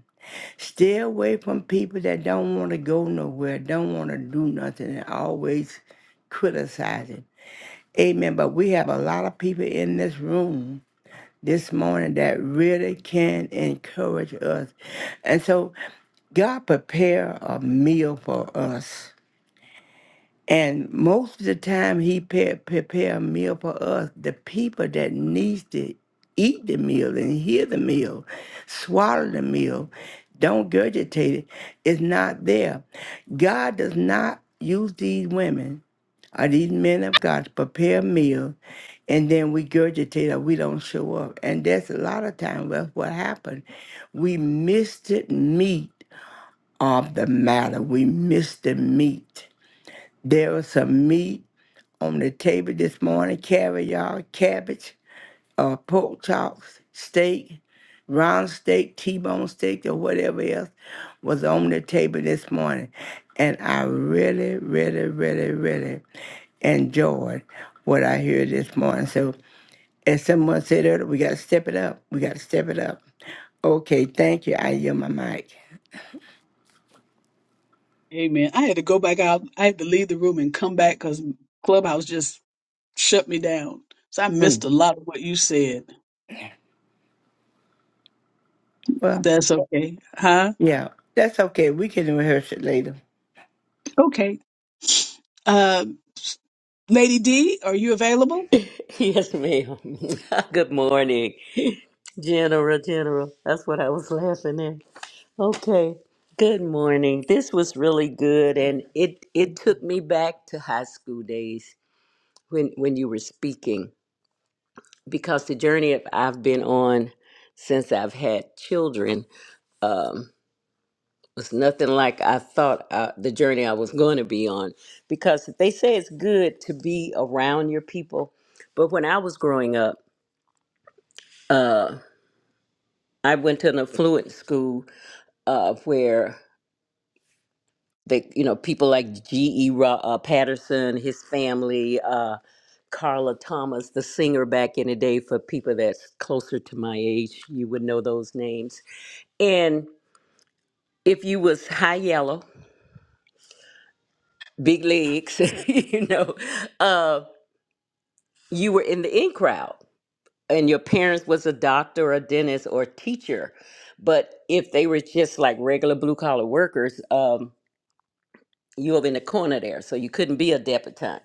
Speaker 2: Stay away from people that don't want to go nowhere, don't want to do nothing, and always criticizing. Amen. But we have a lot of people in this room this morning that really can encourage us. And so God prepare a meal for us. And most of the time, he pre- prepare a meal for us, the people that needs to eat the meal and hear the meal, swallow the meal, don't gurgitate it. It's not there. God does not use these women or these men of God to prepare a meal, and then we gurgitate or we don't show up. And that's a lot of times that's what happened. We missed it meat of the matter. We missed the meat. There was some meat on the table this morning caviar, cabbage, uh, pork chops, steak, round steak, T-bone steak, or whatever else was on the table this morning. And I really, really, really, really enjoyed what I heard this morning. So, as someone said earlier, we got to step it up. We got to step it up. Okay, thank you. I yield my mic.
Speaker 1: Amen. I had to go back out. I had to leave the room and come back because Clubhouse just shut me down. So I
Speaker 2: Mm,
Speaker 1: missed a lot of what you said.
Speaker 2: Well,
Speaker 1: That's okay. Huh?
Speaker 2: yeah, that's okay. We can rehearse it later.
Speaker 1: Okay. Uh, Lady D, are you available?
Speaker 4: Yes, ma'am. Good morning, General. General, that's what I was laughing at. Okay. Good morning. This was really good, and it it took me back to high school days when when you were speaking because the journey I've I've been on since I've had children. um, was nothing like I thought uh, the journey I was going to be on. Because they say it's good to be around your people, but when I was growing up, uh, I went to an affluent school uh, where they, you know, people like G.E. Ro- uh, Patterson, his family, uh, Carla Thomas, the singer back in the day. For people that's closer to my age, you would know those names. And if you was high yellow, big legs, you know. uh, you were in the in crowd and your parents was a doctor or a dentist or a teacher but if they were just like regular blue collar workers um, you were in the corner there so you couldn't be a debutante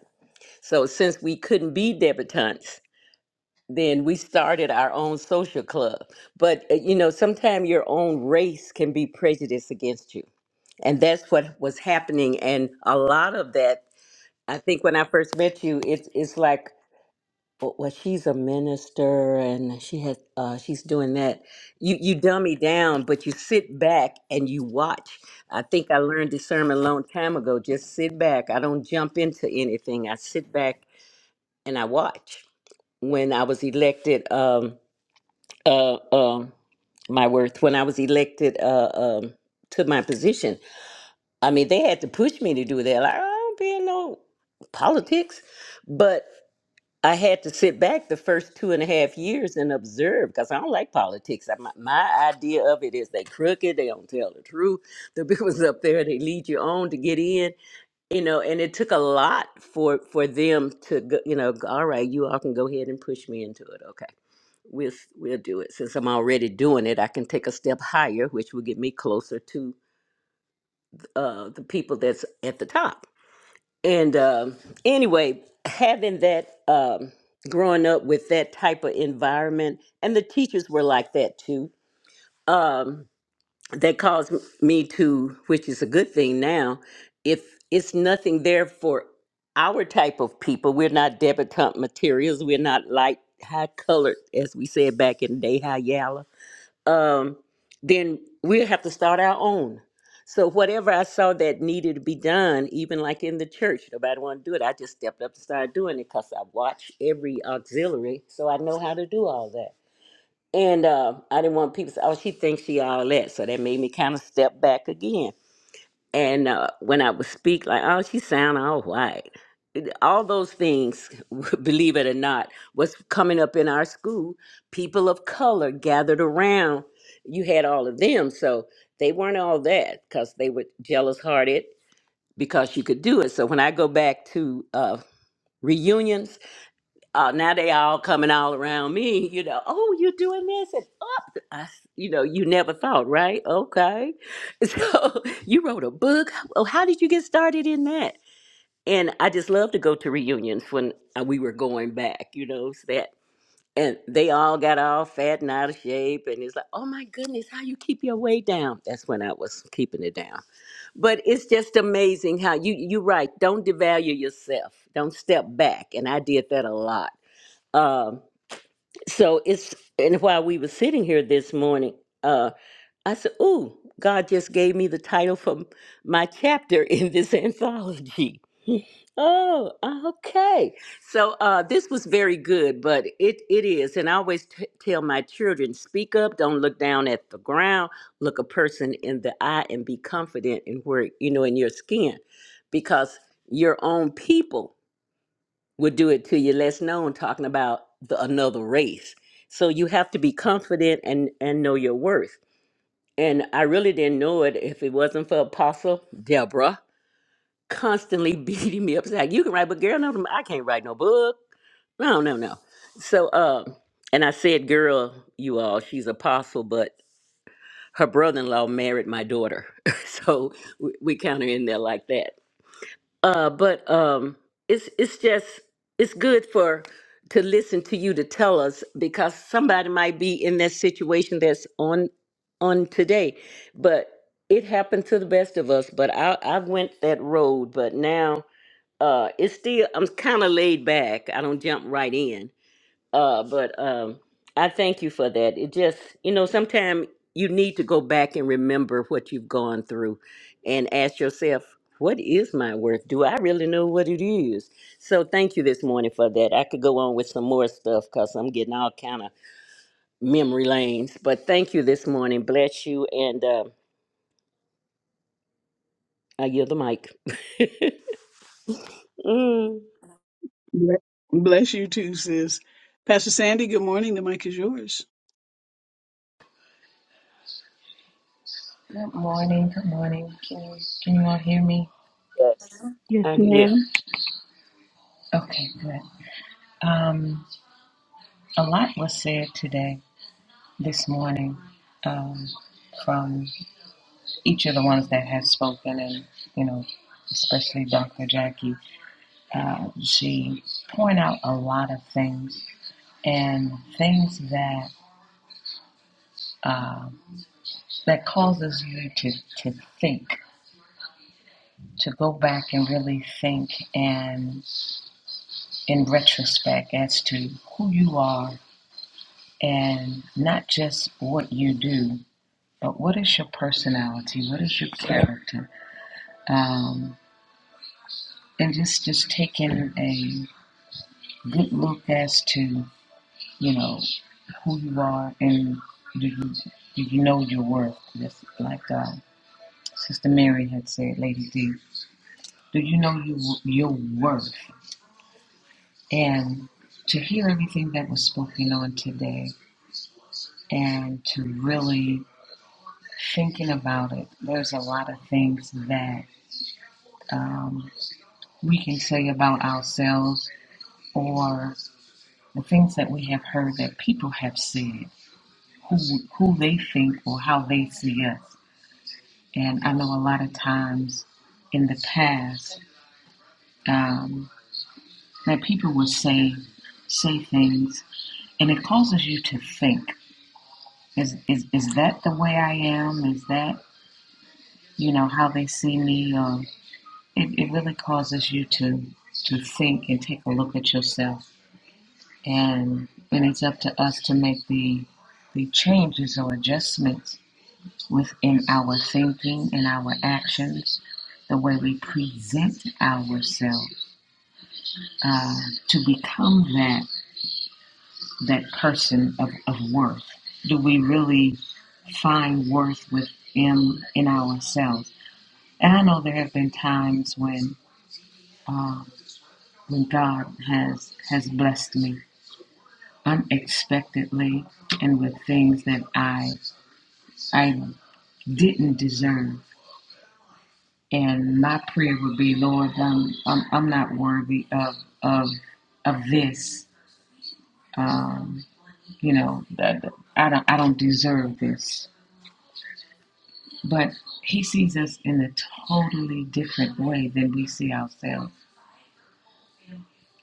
Speaker 4: so since we couldn't be debutantes then we started our own social club but uh, you know sometimes your own race can be prejudiced against you and that's what was happening and a lot of that i think when i first met you it's it's like well, she's a minister and she has uh, she's doing that. You you dummy down, but you sit back and you watch. I think I learned discernment a long time ago. Just sit back. I don't jump into anything. I sit back and I watch. When I was elected, um, uh, um, my worth. When I was elected uh, um, to my position, I mean they had to push me to do that. Like I don't be in no politics, I had to sit back the first two and a half years and observe because I don't like politics. I, my, my idea of it is they crooked, they don't tell the truth. The people's up there, they lead you on to get in, you know. And it took a lot for for them to, go, you know, go, all right, you all can go ahead and push me into it. Okay, we'll s- we'll do it. Since I'm already doing it, I can take a step higher, which will get me closer to uh, the people that's at the top and um anyway, having that, um, growing up with that type of environment, and the teachers were like that too, um, that caused me to, which is a good thing now, if it's nothing there for our type of people, we're not debutante materials, we're not light, high colored, as we said back in the day, high yellow um, then we'll have to start our own. So whatever I saw that needed to be done, even like in the church, nobody wanted to do it. I just stepped up and started doing it because I watch every auxiliary, so I know how to do all that. And uh, I didn't want people to say, "Oh, she thinks she all that," so that made me kind of step back again and uh, when I would speak, like, oh, she sound all white. It- All those things, believe it or not, was coming up in our school. People of color gathered around. You had all of them, so they weren't all that because they were jealous hearted because you could do it. So when I go back to uh, reunions, uh, now they all coming all around me, you know, oh, you're doing this and up. I, s- you know, you never thought, right? Okay. So you wrote a book. Oh, how did you get started in that? And I just love to go to reunions when uh, we were going back, you know, so that. And they all got all fat and out of shape. And it's like, oh my goodness, how you keep your weight down? That's when I was keeping it down. But it's just amazing how you, you're right. Don't devalue yourself. Don't step back. And I did that a lot Um. So it's and while we were sitting here this morning, uh, I said, "Ooh, God just gave me the title for my chapter in this anthology." Oh, ah, okay. So uh, this was very good, but it it is, and I always t- tell my children, "Speak up! Don't look down at the ground. Look a person in the eye and be confident in where you know in your skin, because your own people." will do it to you less known talking about the another race so you have to be confident and and know your worth and i really didn't know it if it wasn't for apostle deborah constantly beating me up saying you can write but girl no i can't write no book no no no so uh and i said girl you all she's apostle but her brother-in-law married my daughter so we, we kind of in there like that uh but um it's it's just it's good for to listen to you to tell us because somebody might be in that situation that's on on today but it happened to the best of us but i i went that road but now uh it's still i'm kind of laid back i don't jump right in uh, but um, I thank you for that. It just, you know, sometimes you need to go back and remember what you've gone through and ask yourself, what is my worth? Do I really know what it is? So thank you this morning for that. I could go on with some more stuff because I'm getting all kind of memory lanes. But thank you this morning. Bless you. And uh, I yield the mic. Mm.
Speaker 1: Ble- Bless you too, sis. Pastor Sandy, good morning. The mic is yours.
Speaker 3: Good morning. Good morning. Can you can you all hear me?
Speaker 4: Yes.
Speaker 1: Yes,
Speaker 4: I, yes.
Speaker 1: ma'am.
Speaker 3: Okay, good. Um, a lot was said today, this morning, um, from each of the ones that have spoken, and you know, especially Dr. Jackie. Uh, she point out a lot of things and things that uh, that causes you to to think. to go back and really think and in retrospect as to who you are and not just what you do, but what is your personality, what is your character, um, and just just taking a good look as to you know who you are and do you do you know your worth? Just like uh, Sister Mary had said, Lady D, do you know you, your worth? and to hear everything that was spoken on today and to really thinking about it there's a lot of things that um, we can say about ourselves or the things that we have heard that people have said who who they think or how they see us and i know a lot of times in the past um, that people would say say things and it causes you to think Is is is that the way I am? Is that you know how they see me? Um, it it really causes you to to think and take a look at yourself, and and it's up to us to make the the changes or adjustments within our thinking and our actions, the way we present ourselves uh, to become that that person of, of worth. Do we really find worth within in ourselves? And I know there have been times when um, when God has has blessed me unexpectedly and with things that I I didn't deserve. And my prayer would be, Lord, I'm I'm, I'm not worthy of of of this. Um, you know, that I don't I don't deserve this. But He sees us in a totally different way than we see ourselves.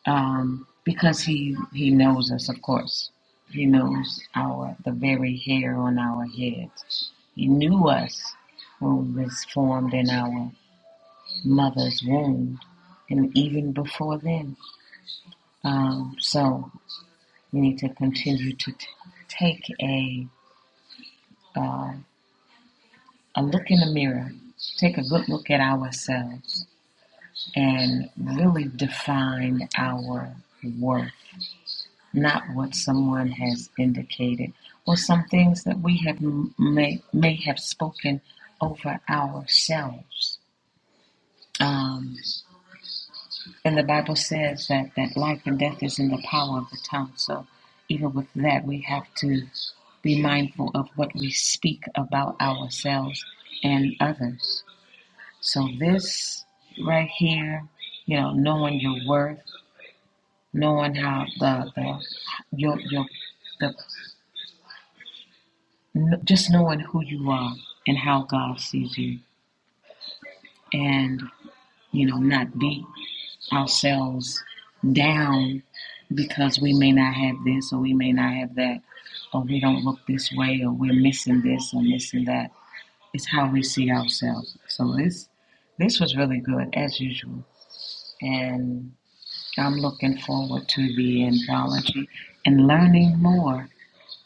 Speaker 3: um, because he he knows us, of course. He knows our the very hair on our heads. He knew us when we was formed in our mother's womb, and even before then. Um, so we need to continue to t- take a uh, a look in the mirror, take a good look at ourselves, and really define our worth not what someone has indicated, or some things that we have may, may have spoken over ourselves. Um, and the Bible says that, that life and death is in the power of the tongue. So even with that, we have to be mindful of what we speak about ourselves and others. So this right here, you know, knowing your worth, knowing how the, the your your the N- just knowing who you are and how God sees you, and you know, not beat ourselves down because we may not have this or we may not have that, or we don't look this way or we're missing this or missing that. It's how we see ourselves. So this this was really good as usual, and I'm looking forward to the anthology and learning more.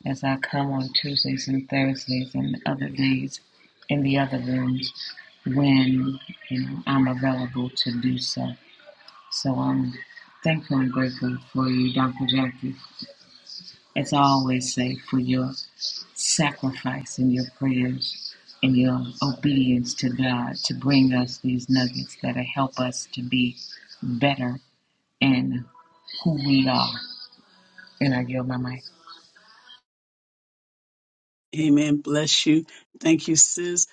Speaker 3: as I come on Tuesdays and Thursdays and other days in the other rooms when you know I'm available to do so. So I'm thankful and grateful for you, Dr. Jackie, as I always say, for your sacrifice and your prayers and your obedience to God to bring us these nuggets that help us to be better in who we are. And I yield my mic.
Speaker 1: Amen. Bless you. Thank you, sis.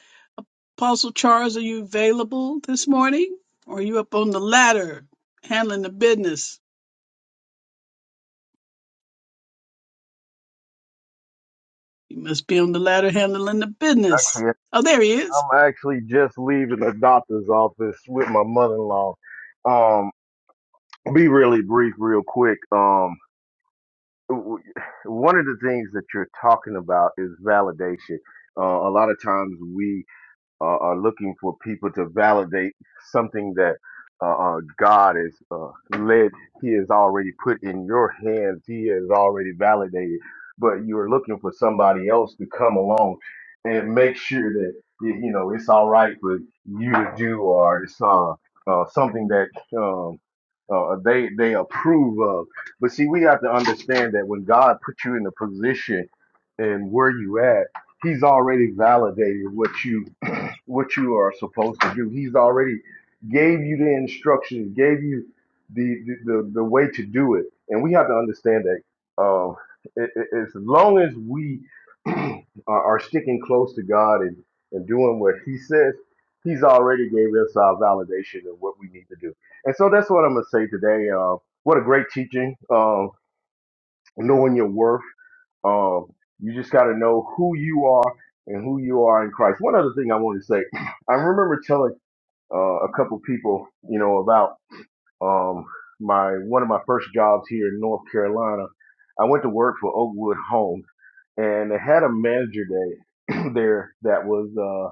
Speaker 1: Apostle Charles, are you available this morning? Or are you up on the ladder handling the business? You must be on the ladder handling the business.
Speaker 5: actually,
Speaker 1: Oh, there he is.
Speaker 5: I'm actually just leaving the doctor's office with my mother-in-law. Um, be really brief, real quick. Um, w- one of the things that you're talking about is validation. Uh, a lot of times we uh, are looking for people to validate something that uh, uh, God has uh, led, He has already put in your hands, He has already validated, but you're looking for somebody else to come along and make sure that y- you know it's all right for you to do, or it's uh, uh, something that um, uh, they they approve of. But see, we have to understand that when God put you in a position and where you at, He's already validated what you what you are supposed to do. He's already gave you the instructions, gave you the the, the, the way to do it, and we have to understand that. Um, it, it- as long as we are, are sticking close to God and, and doing what He says, He's already gave us our validation of what we need to do. And so that's what I'm gonna say today. Uh, what a great teaching! Um, knowing your worth um, you just got to know who you are and who you are in Christ. One other thing I want to say, I remember telling uh, a couple people, you know, about um, my one of my first jobs here in North Carolina. I went to work for Oakwood Homes, and they had a manager day there that was. uh,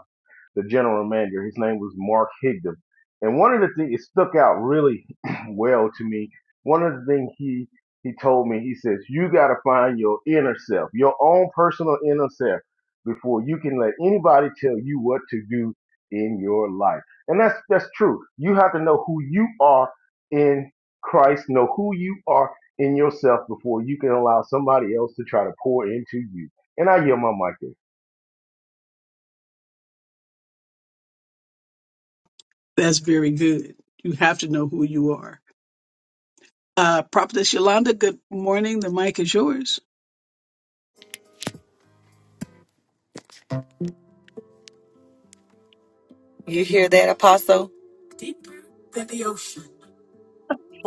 Speaker 5: the general manager. His name was Mark Higdon. And one of the things, it stuck out really well to me. One of the things he, he told me, he says, you got to find your inner self, your own personal inner self before you can let anybody tell you what to do in your life. And that's, that's true. You have to know who you are in Christ, know who you are in yourself before you can allow somebody else to try to pour into you. And I yield my mic there.
Speaker 1: That's very good. You have to know who you are. Uh, Prophetess Yolanda, good morning. The mic is yours.
Speaker 6: You hear that, Apostle?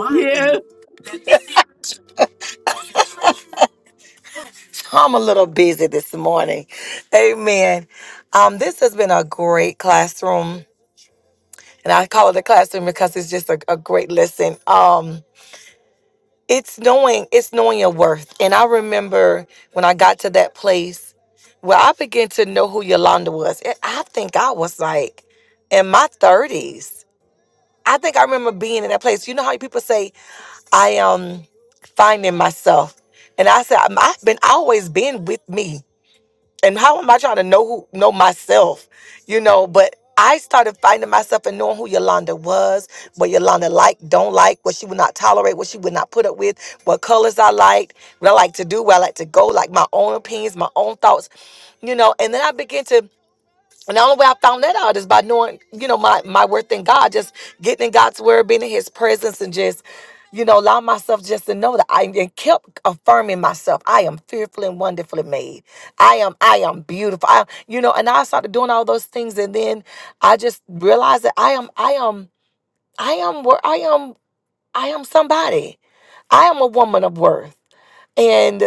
Speaker 1: Yeah.
Speaker 6: I'm a little busy this morning. Amen. Um, this has been a great classroom, and I call it a classroom because it's just a, a great lesson. Um, it's knowing it's knowing your worth, and I remember when I got to that place where I began to know who Yolanda was. And I think I was like in my 30s. I think I remember being in that place. You know how people say I am finding myself, and I said I'm- I've been always been with me. and how am I trying to know who know myself, you know? But I started finding myself and knowing who Yolanda was, what Yolanda liked, don't like, what she would not tolerate, what she would not put up with, what colors I liked, what I like to do, where I like to go, like my own opinions, my own thoughts, you know. And then I began to and the only way I found that out is by knowing, you know, my my worth in God, just getting in God's word, being in His presence, and just, you know, allowing myself just to know that I and kept affirming myself. I am fearfully and wonderfully made. I am, I am beautiful. I, you know, and I started doing all those things, and then I just realized that I am, I am, I am, wor- I am, I am somebody. I am a woman of worth, and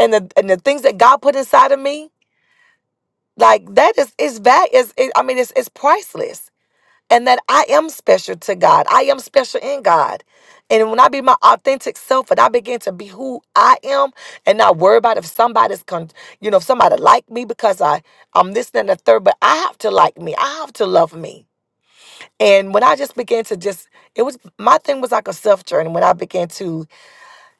Speaker 6: and the and the things that God put inside of me, like that is is that is it, I mean, it's it's priceless and that I am special to God. I am special in God. And when I be my authentic self and I begin to be who I am and not worry about if somebody's con you know, if somebody like me because I, I'm this that, and the third, but I have to like me. I have to love me. And when I just began to just it was my thing was like a self journey when I began to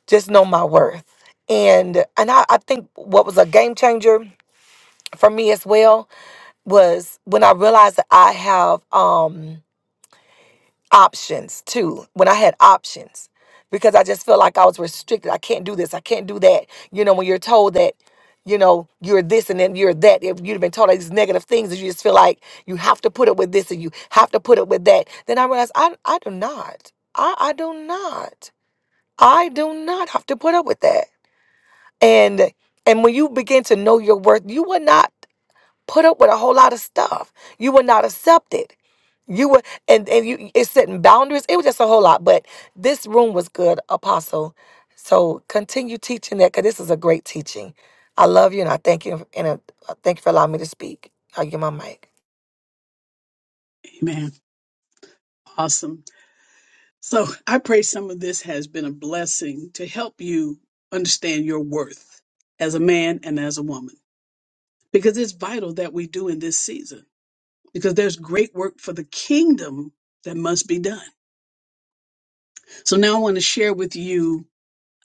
Speaker 6: just know my worth. And and I, I think what was a game changer for me as well was when I realized that I have um options too when i had options because i just felt like i was restricted i can't do this i can't do that you know when you're told that you know you're this and then you're that if you've been told all these negative things and you just feel like you have to put it with this and you have to put it with that then i realized i, I do not I, I do not i do not have to put up with that and and when you begin to know your worth you will not put up with a whole lot of stuff. You were not accepted. You were and and you it's setting boundaries. It was just a whole lot. But this room was good, Apostle. So continue teaching that because this is a great teaching. I love you and I thank you and I thank you for allowing me to speak. I will give my mic.
Speaker 1: Amen. Awesome. So I pray some of this has been a blessing to help you understand your worth as a man and as a woman, because it's vital that we do in this season, because there's great work for the kingdom that must be done. So now I want to share with you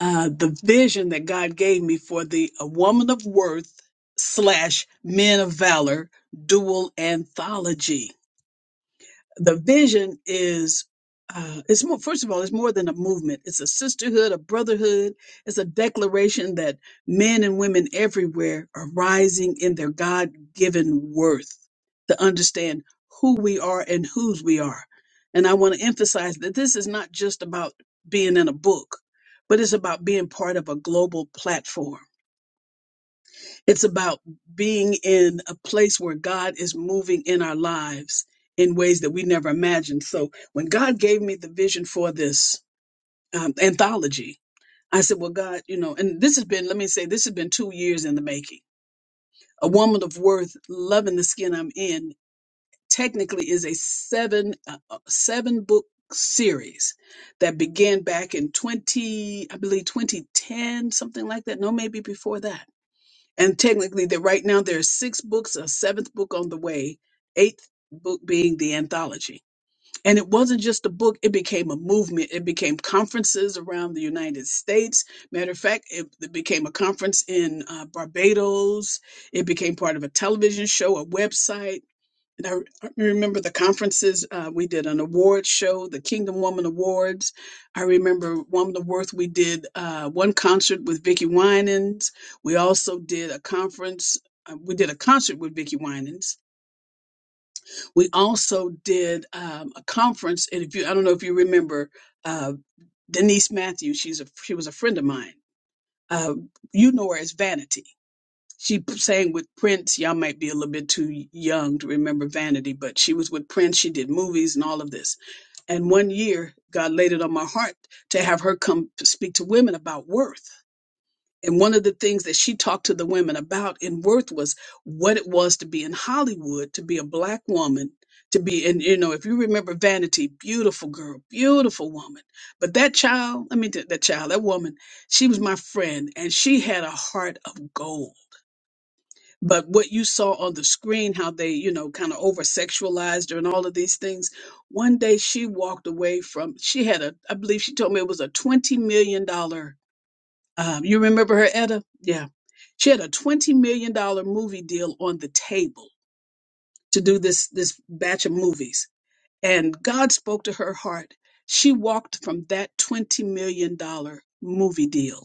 Speaker 1: uh, the vision that God gave me for the A Woman of Worth slash Men of Valor dual anthology. the vision is uh, it's more first of all it's more than a movement it's a sisterhood a brotherhood it's a declaration that men and women everywhere are rising in their god-given worth to understand who we are and whose we are and i want to emphasize that this is not just about being in a book but it's about being part of a global platform it's about being in a place where God is moving in our lives in ways that we never imagined. So when God gave me the vision for this um, anthology, I said, Well, God, you know, and this has been, let me say, this has been two years in the making. A woman of worth, loving the skin I'm in, technically is a seven uh, uh, seven book series that began back in 20 i believe 2010 something like that no maybe before that and technically that right now there are six books a seventh book on the way eighth book being the anthology and it wasn't just a book it became a movement it became conferences around the united states matter of fact it, it became a conference in uh, barbados it became part of a television show a website and I, I remember the conferences. Uh, we did an award show, the Kingdom Woman Awards. I remember Woman of Worth. We did uh, one concert with Vicky Winans. We also did a conference. uh, We did a concert with Vicky Winans. We also did um, a conference, and if you, I don't know if you remember uh, Denise Matthews. She's a she was a friend of mine. Uh, you know her as Vanity she p- sang with Prince. Y'all might be a little bit too young to remember Vanity, but she was with Prince. She did movies and all of this. And one year, God laid it on my heart to have her come to speak to women about worth. And one of the things that she talked to the women about in worth was what it was to be in Hollywood, to be a black woman, to be, and you know, if you remember Vanity, beautiful girl, beautiful woman. But that child, let me that that child, that woman, she was my friend and she had a heart of gold but what you saw on the screen how they you know kind of over sexualized her and all of these things one day she walked away from she had a i believe she told me it was a 20 million dollar um, you remember her edda yeah she had a 20 million dollar movie deal on the table to do this this batch of movies and god spoke to her heart she walked from that 20 million dollar movie deal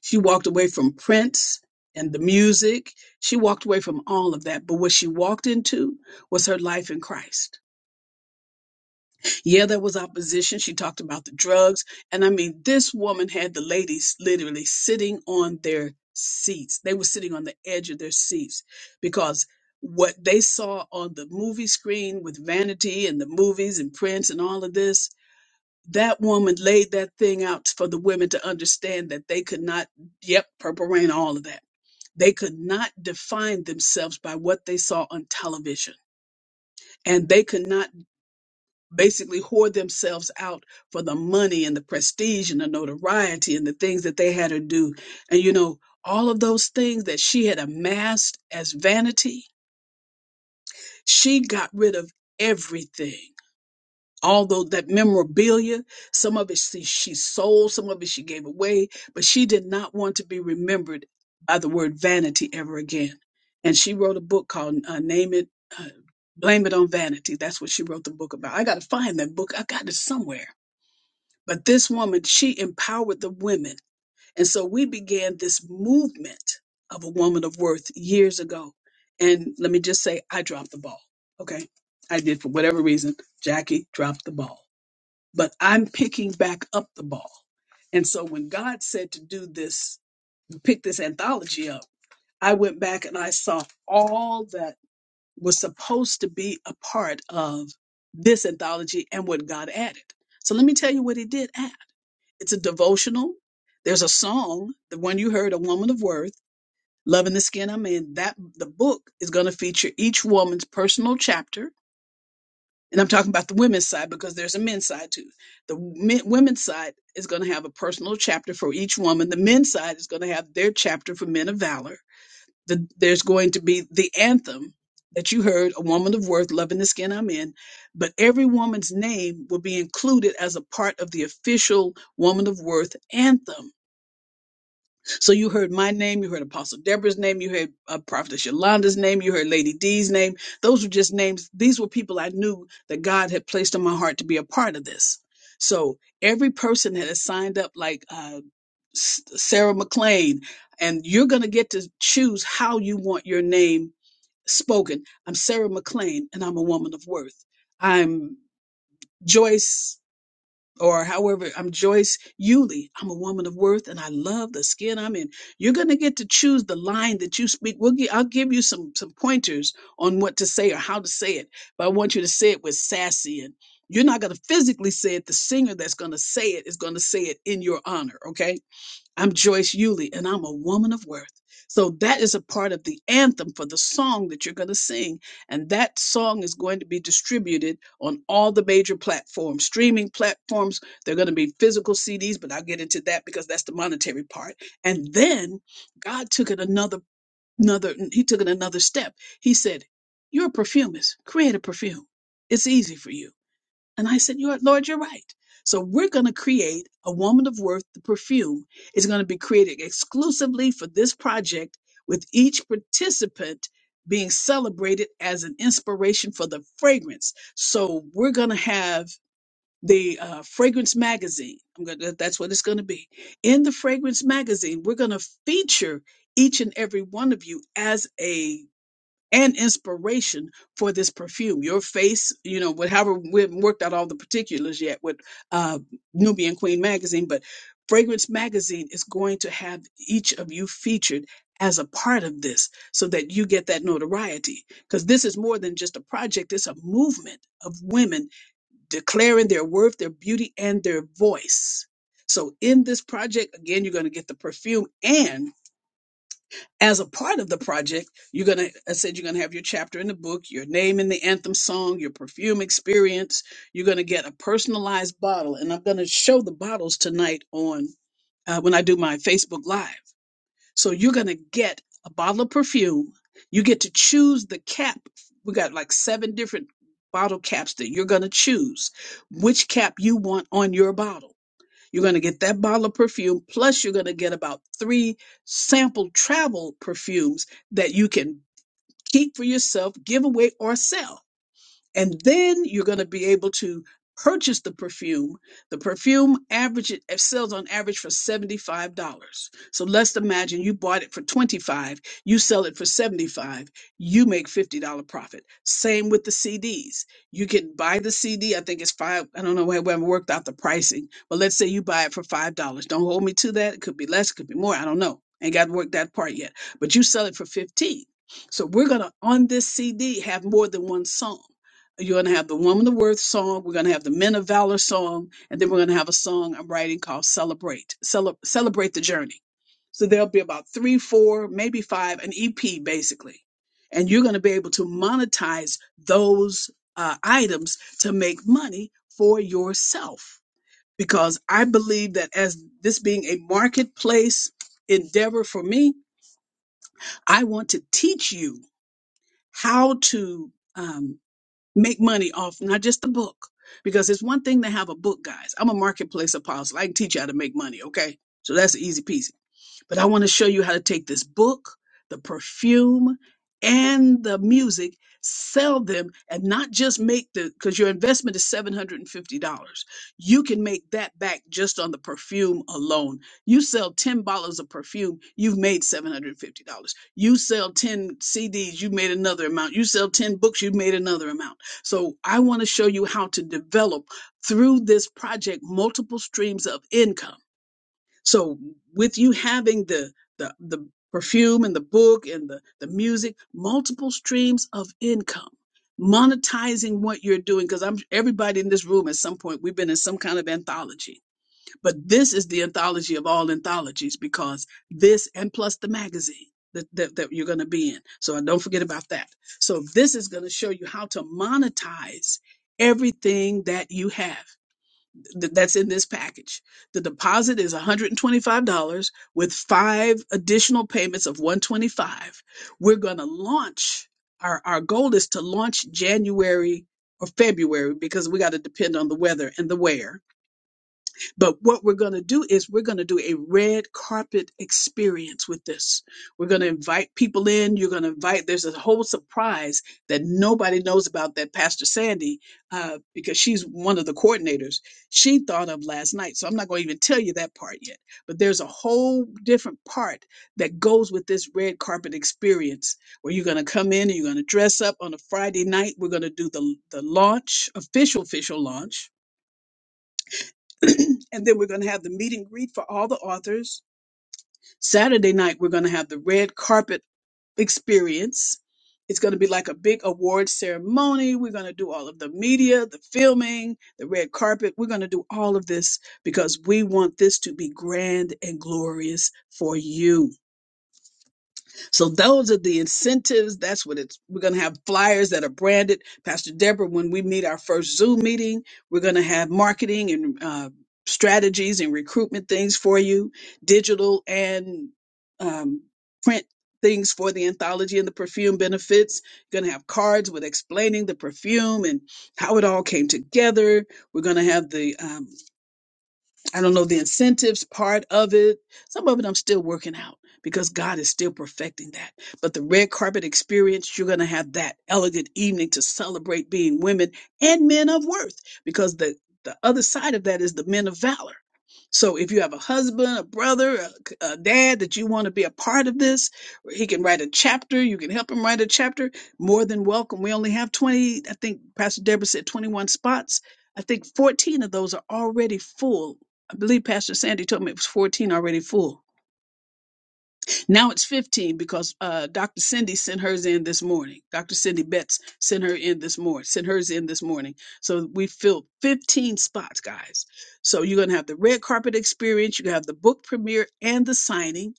Speaker 1: she walked away from Prince and the music. She walked away from all of that. But what she walked into was her life in Christ. Yeah, there was opposition. She talked about the drugs. And I mean, this woman had the ladies literally sitting on their seats. They were sitting on the edge of their seats because what they saw on the movie screen with Vanity and the movies and Prince and all of this that woman laid that thing out for the women to understand that they could not, yep, purple rain, all of that. They could not define themselves by what they saw on television. And they could not basically whore themselves out for the money and the prestige and the notoriety and the things that they had to do. And you know, all of those things that she had amassed as vanity, she got rid of everything all tho- that memorabilia. Some of it she, she sold, some of it she gave away, but she did not want to be remembered by the word vanity ever again. And she wrote a book called uh, "Name It, uh, Blame It on Vanity." That's what she wrote the book about. I got to find that book. I got it somewhere. But this woman, she empowered the women, and so we began this movement of a woman of worth years ago. And let me just say, I dropped the ball. Okay, I did for whatever reason. Jackie dropped the ball but I'm picking back up the ball. And so when God said to do this, pick this anthology up, I went back and I saw all that was supposed to be a part of this anthology and what God added. So let me tell you what he did add. It's a devotional. There's a song, the one you heard, A Woman of Worth, Loving the Skin I'm In. That the book is going to feature each woman's personal chapter and I'm talking about the women's side because there's a men's side too. The men, women's side is going to have a personal chapter for each woman. The men's side is going to have their chapter for men of valor. The, there's going to be the anthem that you heard, a woman of worth, loving the skin I'm in. But every woman's name will be included as a part of the official woman of worth anthem. So you heard my name, you heard Apostle Deborah's name, you heard uh, Prophetess Yolanda's name, you heard Lady D's name. Those were just names. These were people I knew that God had placed on my heart to be a part of this. So every person that has signed up, like uh, S- Sarah McLean, and you're going to get to choose how you want your name spoken. I'm Sarah McLean, and I'm a woman of worth. I'm Joyce or however I'm Joyce Yuli. I'm a woman of worth and I love the skin I'm in. You're going to get to choose the line that you speak. We'll gi- I'll give you some some pointers on what to say or how to say it, but I want you to say it with sassy and you're not going to physically say it. The singer that's going to say it is going to say it in your honor, okay? I'm Joyce Yuli, and I'm a woman of worth. So that is a part of the anthem for the song that you're going to sing. And that song is going to be distributed on all the major platforms, streaming platforms. They're going to be physical CDs, but I'll get into that because that's the monetary part. And then God took it another, another, he took it another step. He said, You're a perfumist, create a perfume. It's easy for you and I said, "You're, Lord, you're right. So we're going to create a Woman of Worth. The perfume is going to be created exclusively for this project, with each participant being celebrated as an inspiration for the fragrance. So we're going to have the uh, fragrance magazine. I'm gonna, that's what it's going to be. In the fragrance magazine, we're going to feature each and every one of you as a and inspiration for this perfume. Your face, you know, whatever we haven't worked out all the particulars yet with uh, Nubian Queen magazine, but Fragrance magazine is going to have each of you featured as a part of this so that you get that notoriety. Because this is more than just a project, it's a movement of women declaring their worth, their beauty, and their voice. So, in this project, again, you're going to get the perfume and as a part of the project, you're gonna I said you're gonna have your chapter in the book, your name in the anthem song, your perfume experience. You're gonna get a personalized bottle, and I'm gonna show the bottles tonight on uh, when I do my Facebook Live. So you're gonna get a bottle of perfume. You get to choose the cap. We got like seven different bottle caps that you're gonna choose which cap you want on your bottle you're going to get that bottle of perfume, plus, you're going to get about three sample travel perfumes that you can keep for yourself, give away, or sell and then you're going to be able to purchase the perfume. The perfume average it it sells on average for $75. So let's imagine you bought it for 25, you sell it for 75, you make $50 profit. Same with the CDs. You can buy the CD, I think it's 5, I don't know where we haven't worked out the pricing, but let's say you buy it for $5. Don't hold me to that. It could be less, it could be more, I don't know. Ain't got to work that part yet. But you sell it for 15. So we're going to on this CD have more than one song. You're going to have the Woman of Worth song. We're going to have the Men of Valor song. And then we're going to have a song I'm writing called Celebrate, Cele- Celebrate the Journey. So there'll be about three, four, maybe five, an EP basically. And you're going to be able to monetize those uh, items to make money for yourself. Because I believe that as this being a marketplace endeavor for me, I want to teach you how to. um, make money off not just the book because it's one thing to have a book guys i'm a marketplace apostle i can teach you how to make money okay so that's the easy piece but I want to show you how to take this book, the perfume, and the music, sell them, and not just make the, because your investment is $750. You can make that back just on the perfume alone. You sell 10 bottles of perfume, you've made $750. You sell 10 CDs, you've made another amount. You sell 10 books, you've made another amount. So I want to show you how to develop through this project multiple streams of income so with you having the the the perfume and the book and the the music, multiple streams of income, monetizing what you're doing because I'm everybody in this room at some point we've been in some kind of anthology. But this is the anthology of all anthologies because this and plus the magazine that, that, that you're going to be in. So don't forget about that. So this is going to show you how to monetize everything that you have th- that's in this package. The deposit is $125 with five additional payments of 125. We're going to launch our our goal is to launch January or February because we got to depend on the weather and the wear but what we're going to do is we're going to do a red carpet experience with this. We're going to invite people in. You're going to invite, there's a whole surprise that nobody knows about that Pastor Sandy, uh, because she's one of the coordinators, she thought of last night. So I'm not going to even tell you that part yet. But there's a whole different part that goes with this red carpet experience where you're going to come in and you're going to dress up on a Friday night. We're going to do the, the launch, official, official launch and then we're going to have the meet and greet for all the authors. Saturday night, we're going to have the red carpet experience. It's going to be like a big award ceremony. We're going to do all of the media, the filming, the red carpet. We're going to do all of this because we want this to be grand and glorious for you. So those are the incentives. That's what it's. We're going to have flyers that are branded. Pastor Deborah, when we meet our first Zoom meeting, we're going to have marketing and uh, strategies and recruitment things for you, digital and um, print things for the anthology and the perfume benefits. Going to have cards with explaining the perfume and how it all came together. We're going to have the um, I don't know the incentives part of it. Some of it I'm still working out because God is still perfecting that. But the red carpet experience, you're going to have that elegant evening to celebrate being women and men of worth because the, the other side of that is the men of valor. So if you have a husband, a brother, a, c- a dad that you want to be a part of this, he can write a chapter. You can help him write a chapter. More than welcome. We only have 20, I think Pastor Deborah said 21 spots. I think 14 of those are already full I believe Pastor Sandy told me it was 14 already full. Now it's 15 because uh, Dr. Cindy sent hers in this morning. Dr. Cindy Betts sent her in this morning, sent hers in this morning. So we filled 15 spots, guys. So you're going to have the red carpet experience, you have the book premiere and the signing.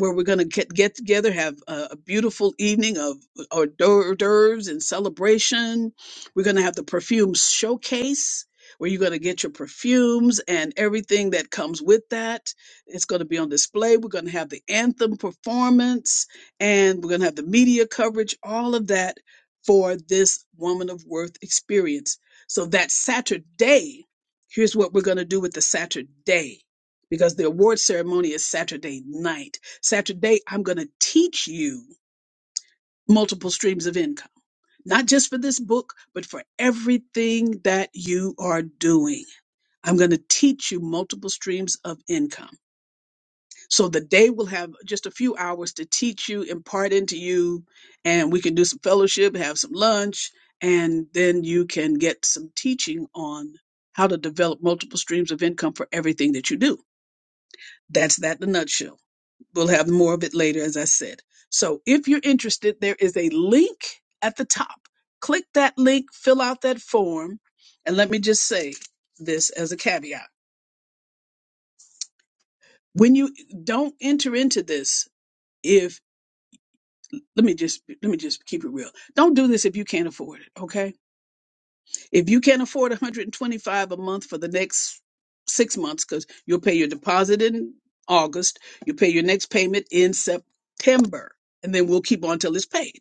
Speaker 1: Where we're gonna get get together, have a, a beautiful evening of hors d'oeuvres and celebration. We're gonna have the perfume showcase, where you're going to get your perfumes and everything that comes with that. It's going to be on display. We're going to have the anthem performance and we're going to have the media coverage, all of that for this Woman of Worth experience. So that Saturday, here's what we're going to do with the Saturday because the award ceremony is Saturday night. Saturday, I'm going to teach you multiple streams of income not just for this book, but for everything that you are doing. I'm going to teach you multiple streams of income. So the day will have just a few hours to teach you, impart into you, and we can do some fellowship, have some lunch, and then you can get some teaching on how to develop multiple streams of income for everything that you do. That's that in a nutshell. We'll have more of it later, as I said. So if you're interested, there is a link at the top. Click that link, fill out that form, and let me just say this as a caveat. When you don't enter into this, if let me just let me just keep it real. Don't do this if you can't afford it, okay? If you can't afford 125 a month for the next 6 months cuz you'll pay your deposit in August, you'll pay your next payment in September, and then we'll keep on till it's paid.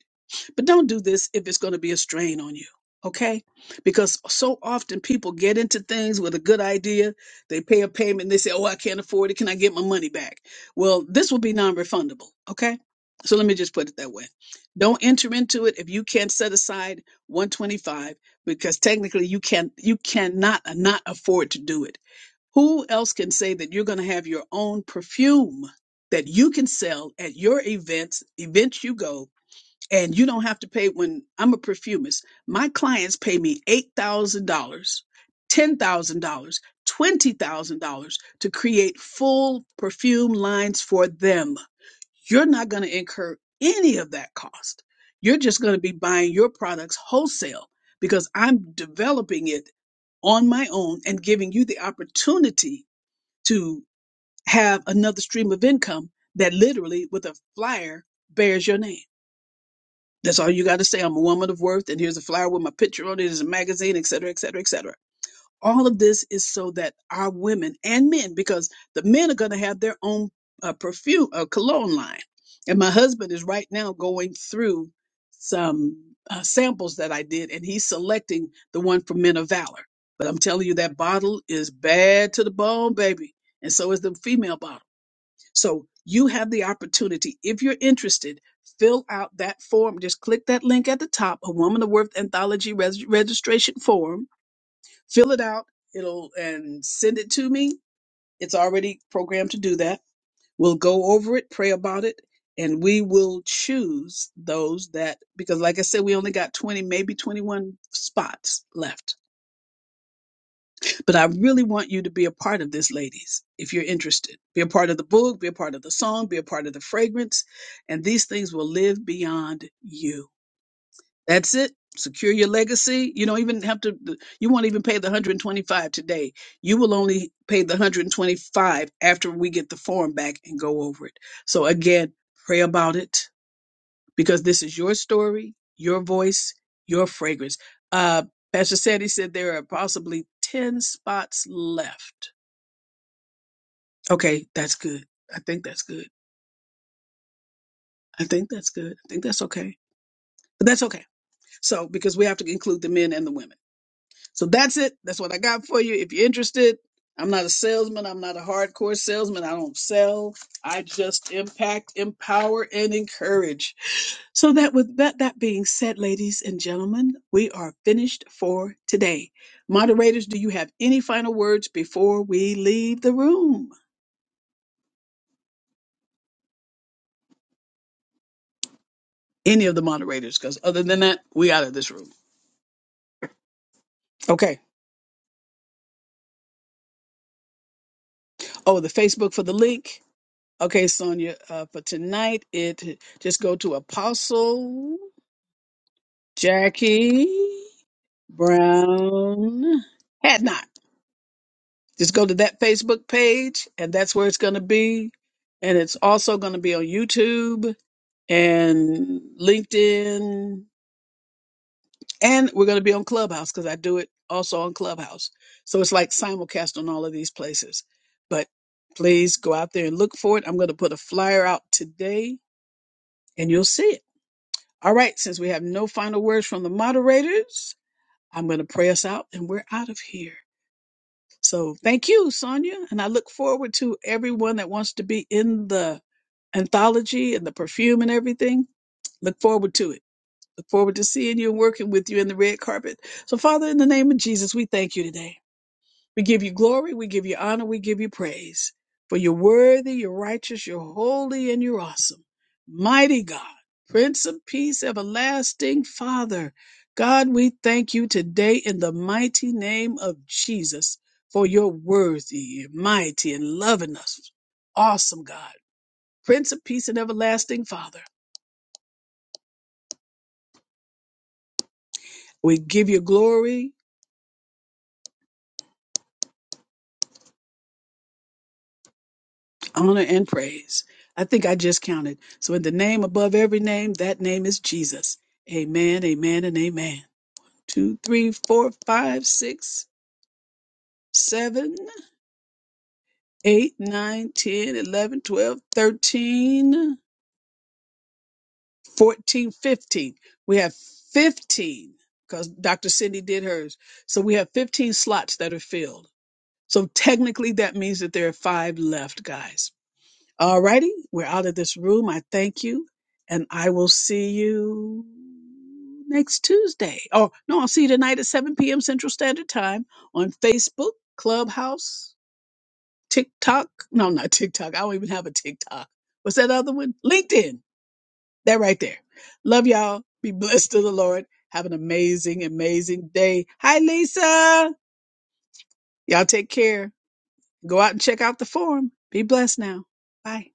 Speaker 1: But don't do this if it's going to be a strain on you, okay? Because so often people get into things with a good idea, they pay a payment, they say, "Oh, I can't afford it. Can I get my money back?" Well, this will be non-refundable, okay? So let me just put it that way. Don't enter into it if you can't set aside 125 because technically you can you cannot not afford to do it. Who else can say that you're going to have your own perfume that you can sell at your events, events you go and you don't have to pay when I'm a perfumist. My clients pay me $8,000, $10,000, $20,000 to create full perfume lines for them. You're not going to incur any of that cost. You're just going to be buying your products wholesale because I'm developing it on my own and giving you the opportunity to have another stream of income that literally with a flyer bears your name. That's all you got to say. I'm a woman of worth, and here's a flyer with my picture on it. it. Is a magazine, et cetera, et cetera, et cetera. All of this is so that our women and men, because the men are going to have their own uh, perfume, uh, cologne line. And my husband is right now going through some uh, samples that I did, and he's selecting the one for Men of Valor. But I'm telling you, that bottle is bad to the bone, baby, and so is the female bottle. So you have the opportunity, if you're interested, fill out that form. Just click that link at the top, a Woman of Worth Anthology res- registration form. Fill it out. It'll and send it to me. It's already programmed to do that. We'll go over it, pray about it, and we will choose those that because like I said, we only got 20, maybe 21 spots left. But I really want you to be a part of this, ladies, if you're interested. Be a part of the book, be a part of the song, be a part of the fragrance, and these things will live beyond you. That's it. Secure your legacy. You don't even have to, you won't even pay the 125 today. You will only pay the 125 after we get the form back and go over it. So again, pray about it because this is your story, your voice, your fragrance. Uh, Pastor Sandy said there are possibly 10 spots left. Okay, that's good. I think that's good. I think that's good. I think that's okay. But that's okay. So, because we have to include the men and the women. So that's it. That's what I got for you. If you're interested, I'm not a salesman. I'm not a hardcore salesman. I don't sell. I just impact, empower, and encourage. So that with that, that being said, ladies and gentlemen, we are finished for today. Moderators, do you have any final words before we leave the room? Any of the moderators, because other than that, we out of this room. Okay. Oh, the Facebook for the link. Okay, Sonia, uh, for tonight, it just go to Apostle. Jackie Brown had not. Just go to that Facebook page, and that's where it's going to be. And it's also going to be on YouTube and LinkedIn, and we're going to be on Clubhouse because I do it also on Clubhouse. So it's like simulcast on all of these places. But please go out there and look for it. I'm going to put a flyer out today, and you'll see it. All right, since we have no final words from the moderators, I'm going to pray us out, and we're out of here. So thank you, Sonia. And I look forward to everyone that wants to be in the anthology and the perfume and everything. Look forward to it. Look forward to seeing you and working with you in the red carpet. So, Father, in the name of Jesus, we thank you today. We give you glory, we give you honor, we give you praise. For you're worthy, you're righteous, you're holy, and you're awesome. Mighty God, Prince of Peace, everlasting Father. God, we thank you today in the mighty name of Jesus for your worthy, mighty, and loving us. Awesome God, Prince of Peace and everlasting Father. We give you glory, honor and praise. I think I just counted. So, in the name above every name, that name is Jesus. Amen, amen, and amen. Two, three, four, five, six, seven, eight, nine, ten, eleven, twelve, thirteen, fourteen, fifteen. We have 15 because Dr. Cindy did hers. So, we have 15 slots that are filled. So, technically, that means that there are five left, guys. Alrighty, we're out of this room. I thank you, and I will see you next Tuesday. Oh no, I'll see you tonight at 7 p.m. Central Standard Time on Facebook, Clubhouse, TikTok. No, not TikTok. I don't even have a TikTok. What's that other one? LinkedIn. That right there. Love y'all. Be blessed to the Lord. Have an amazing, amazing day. Hi, Lisa. Y'all take care. Go out and check out the forum. Be blessed now. Bye.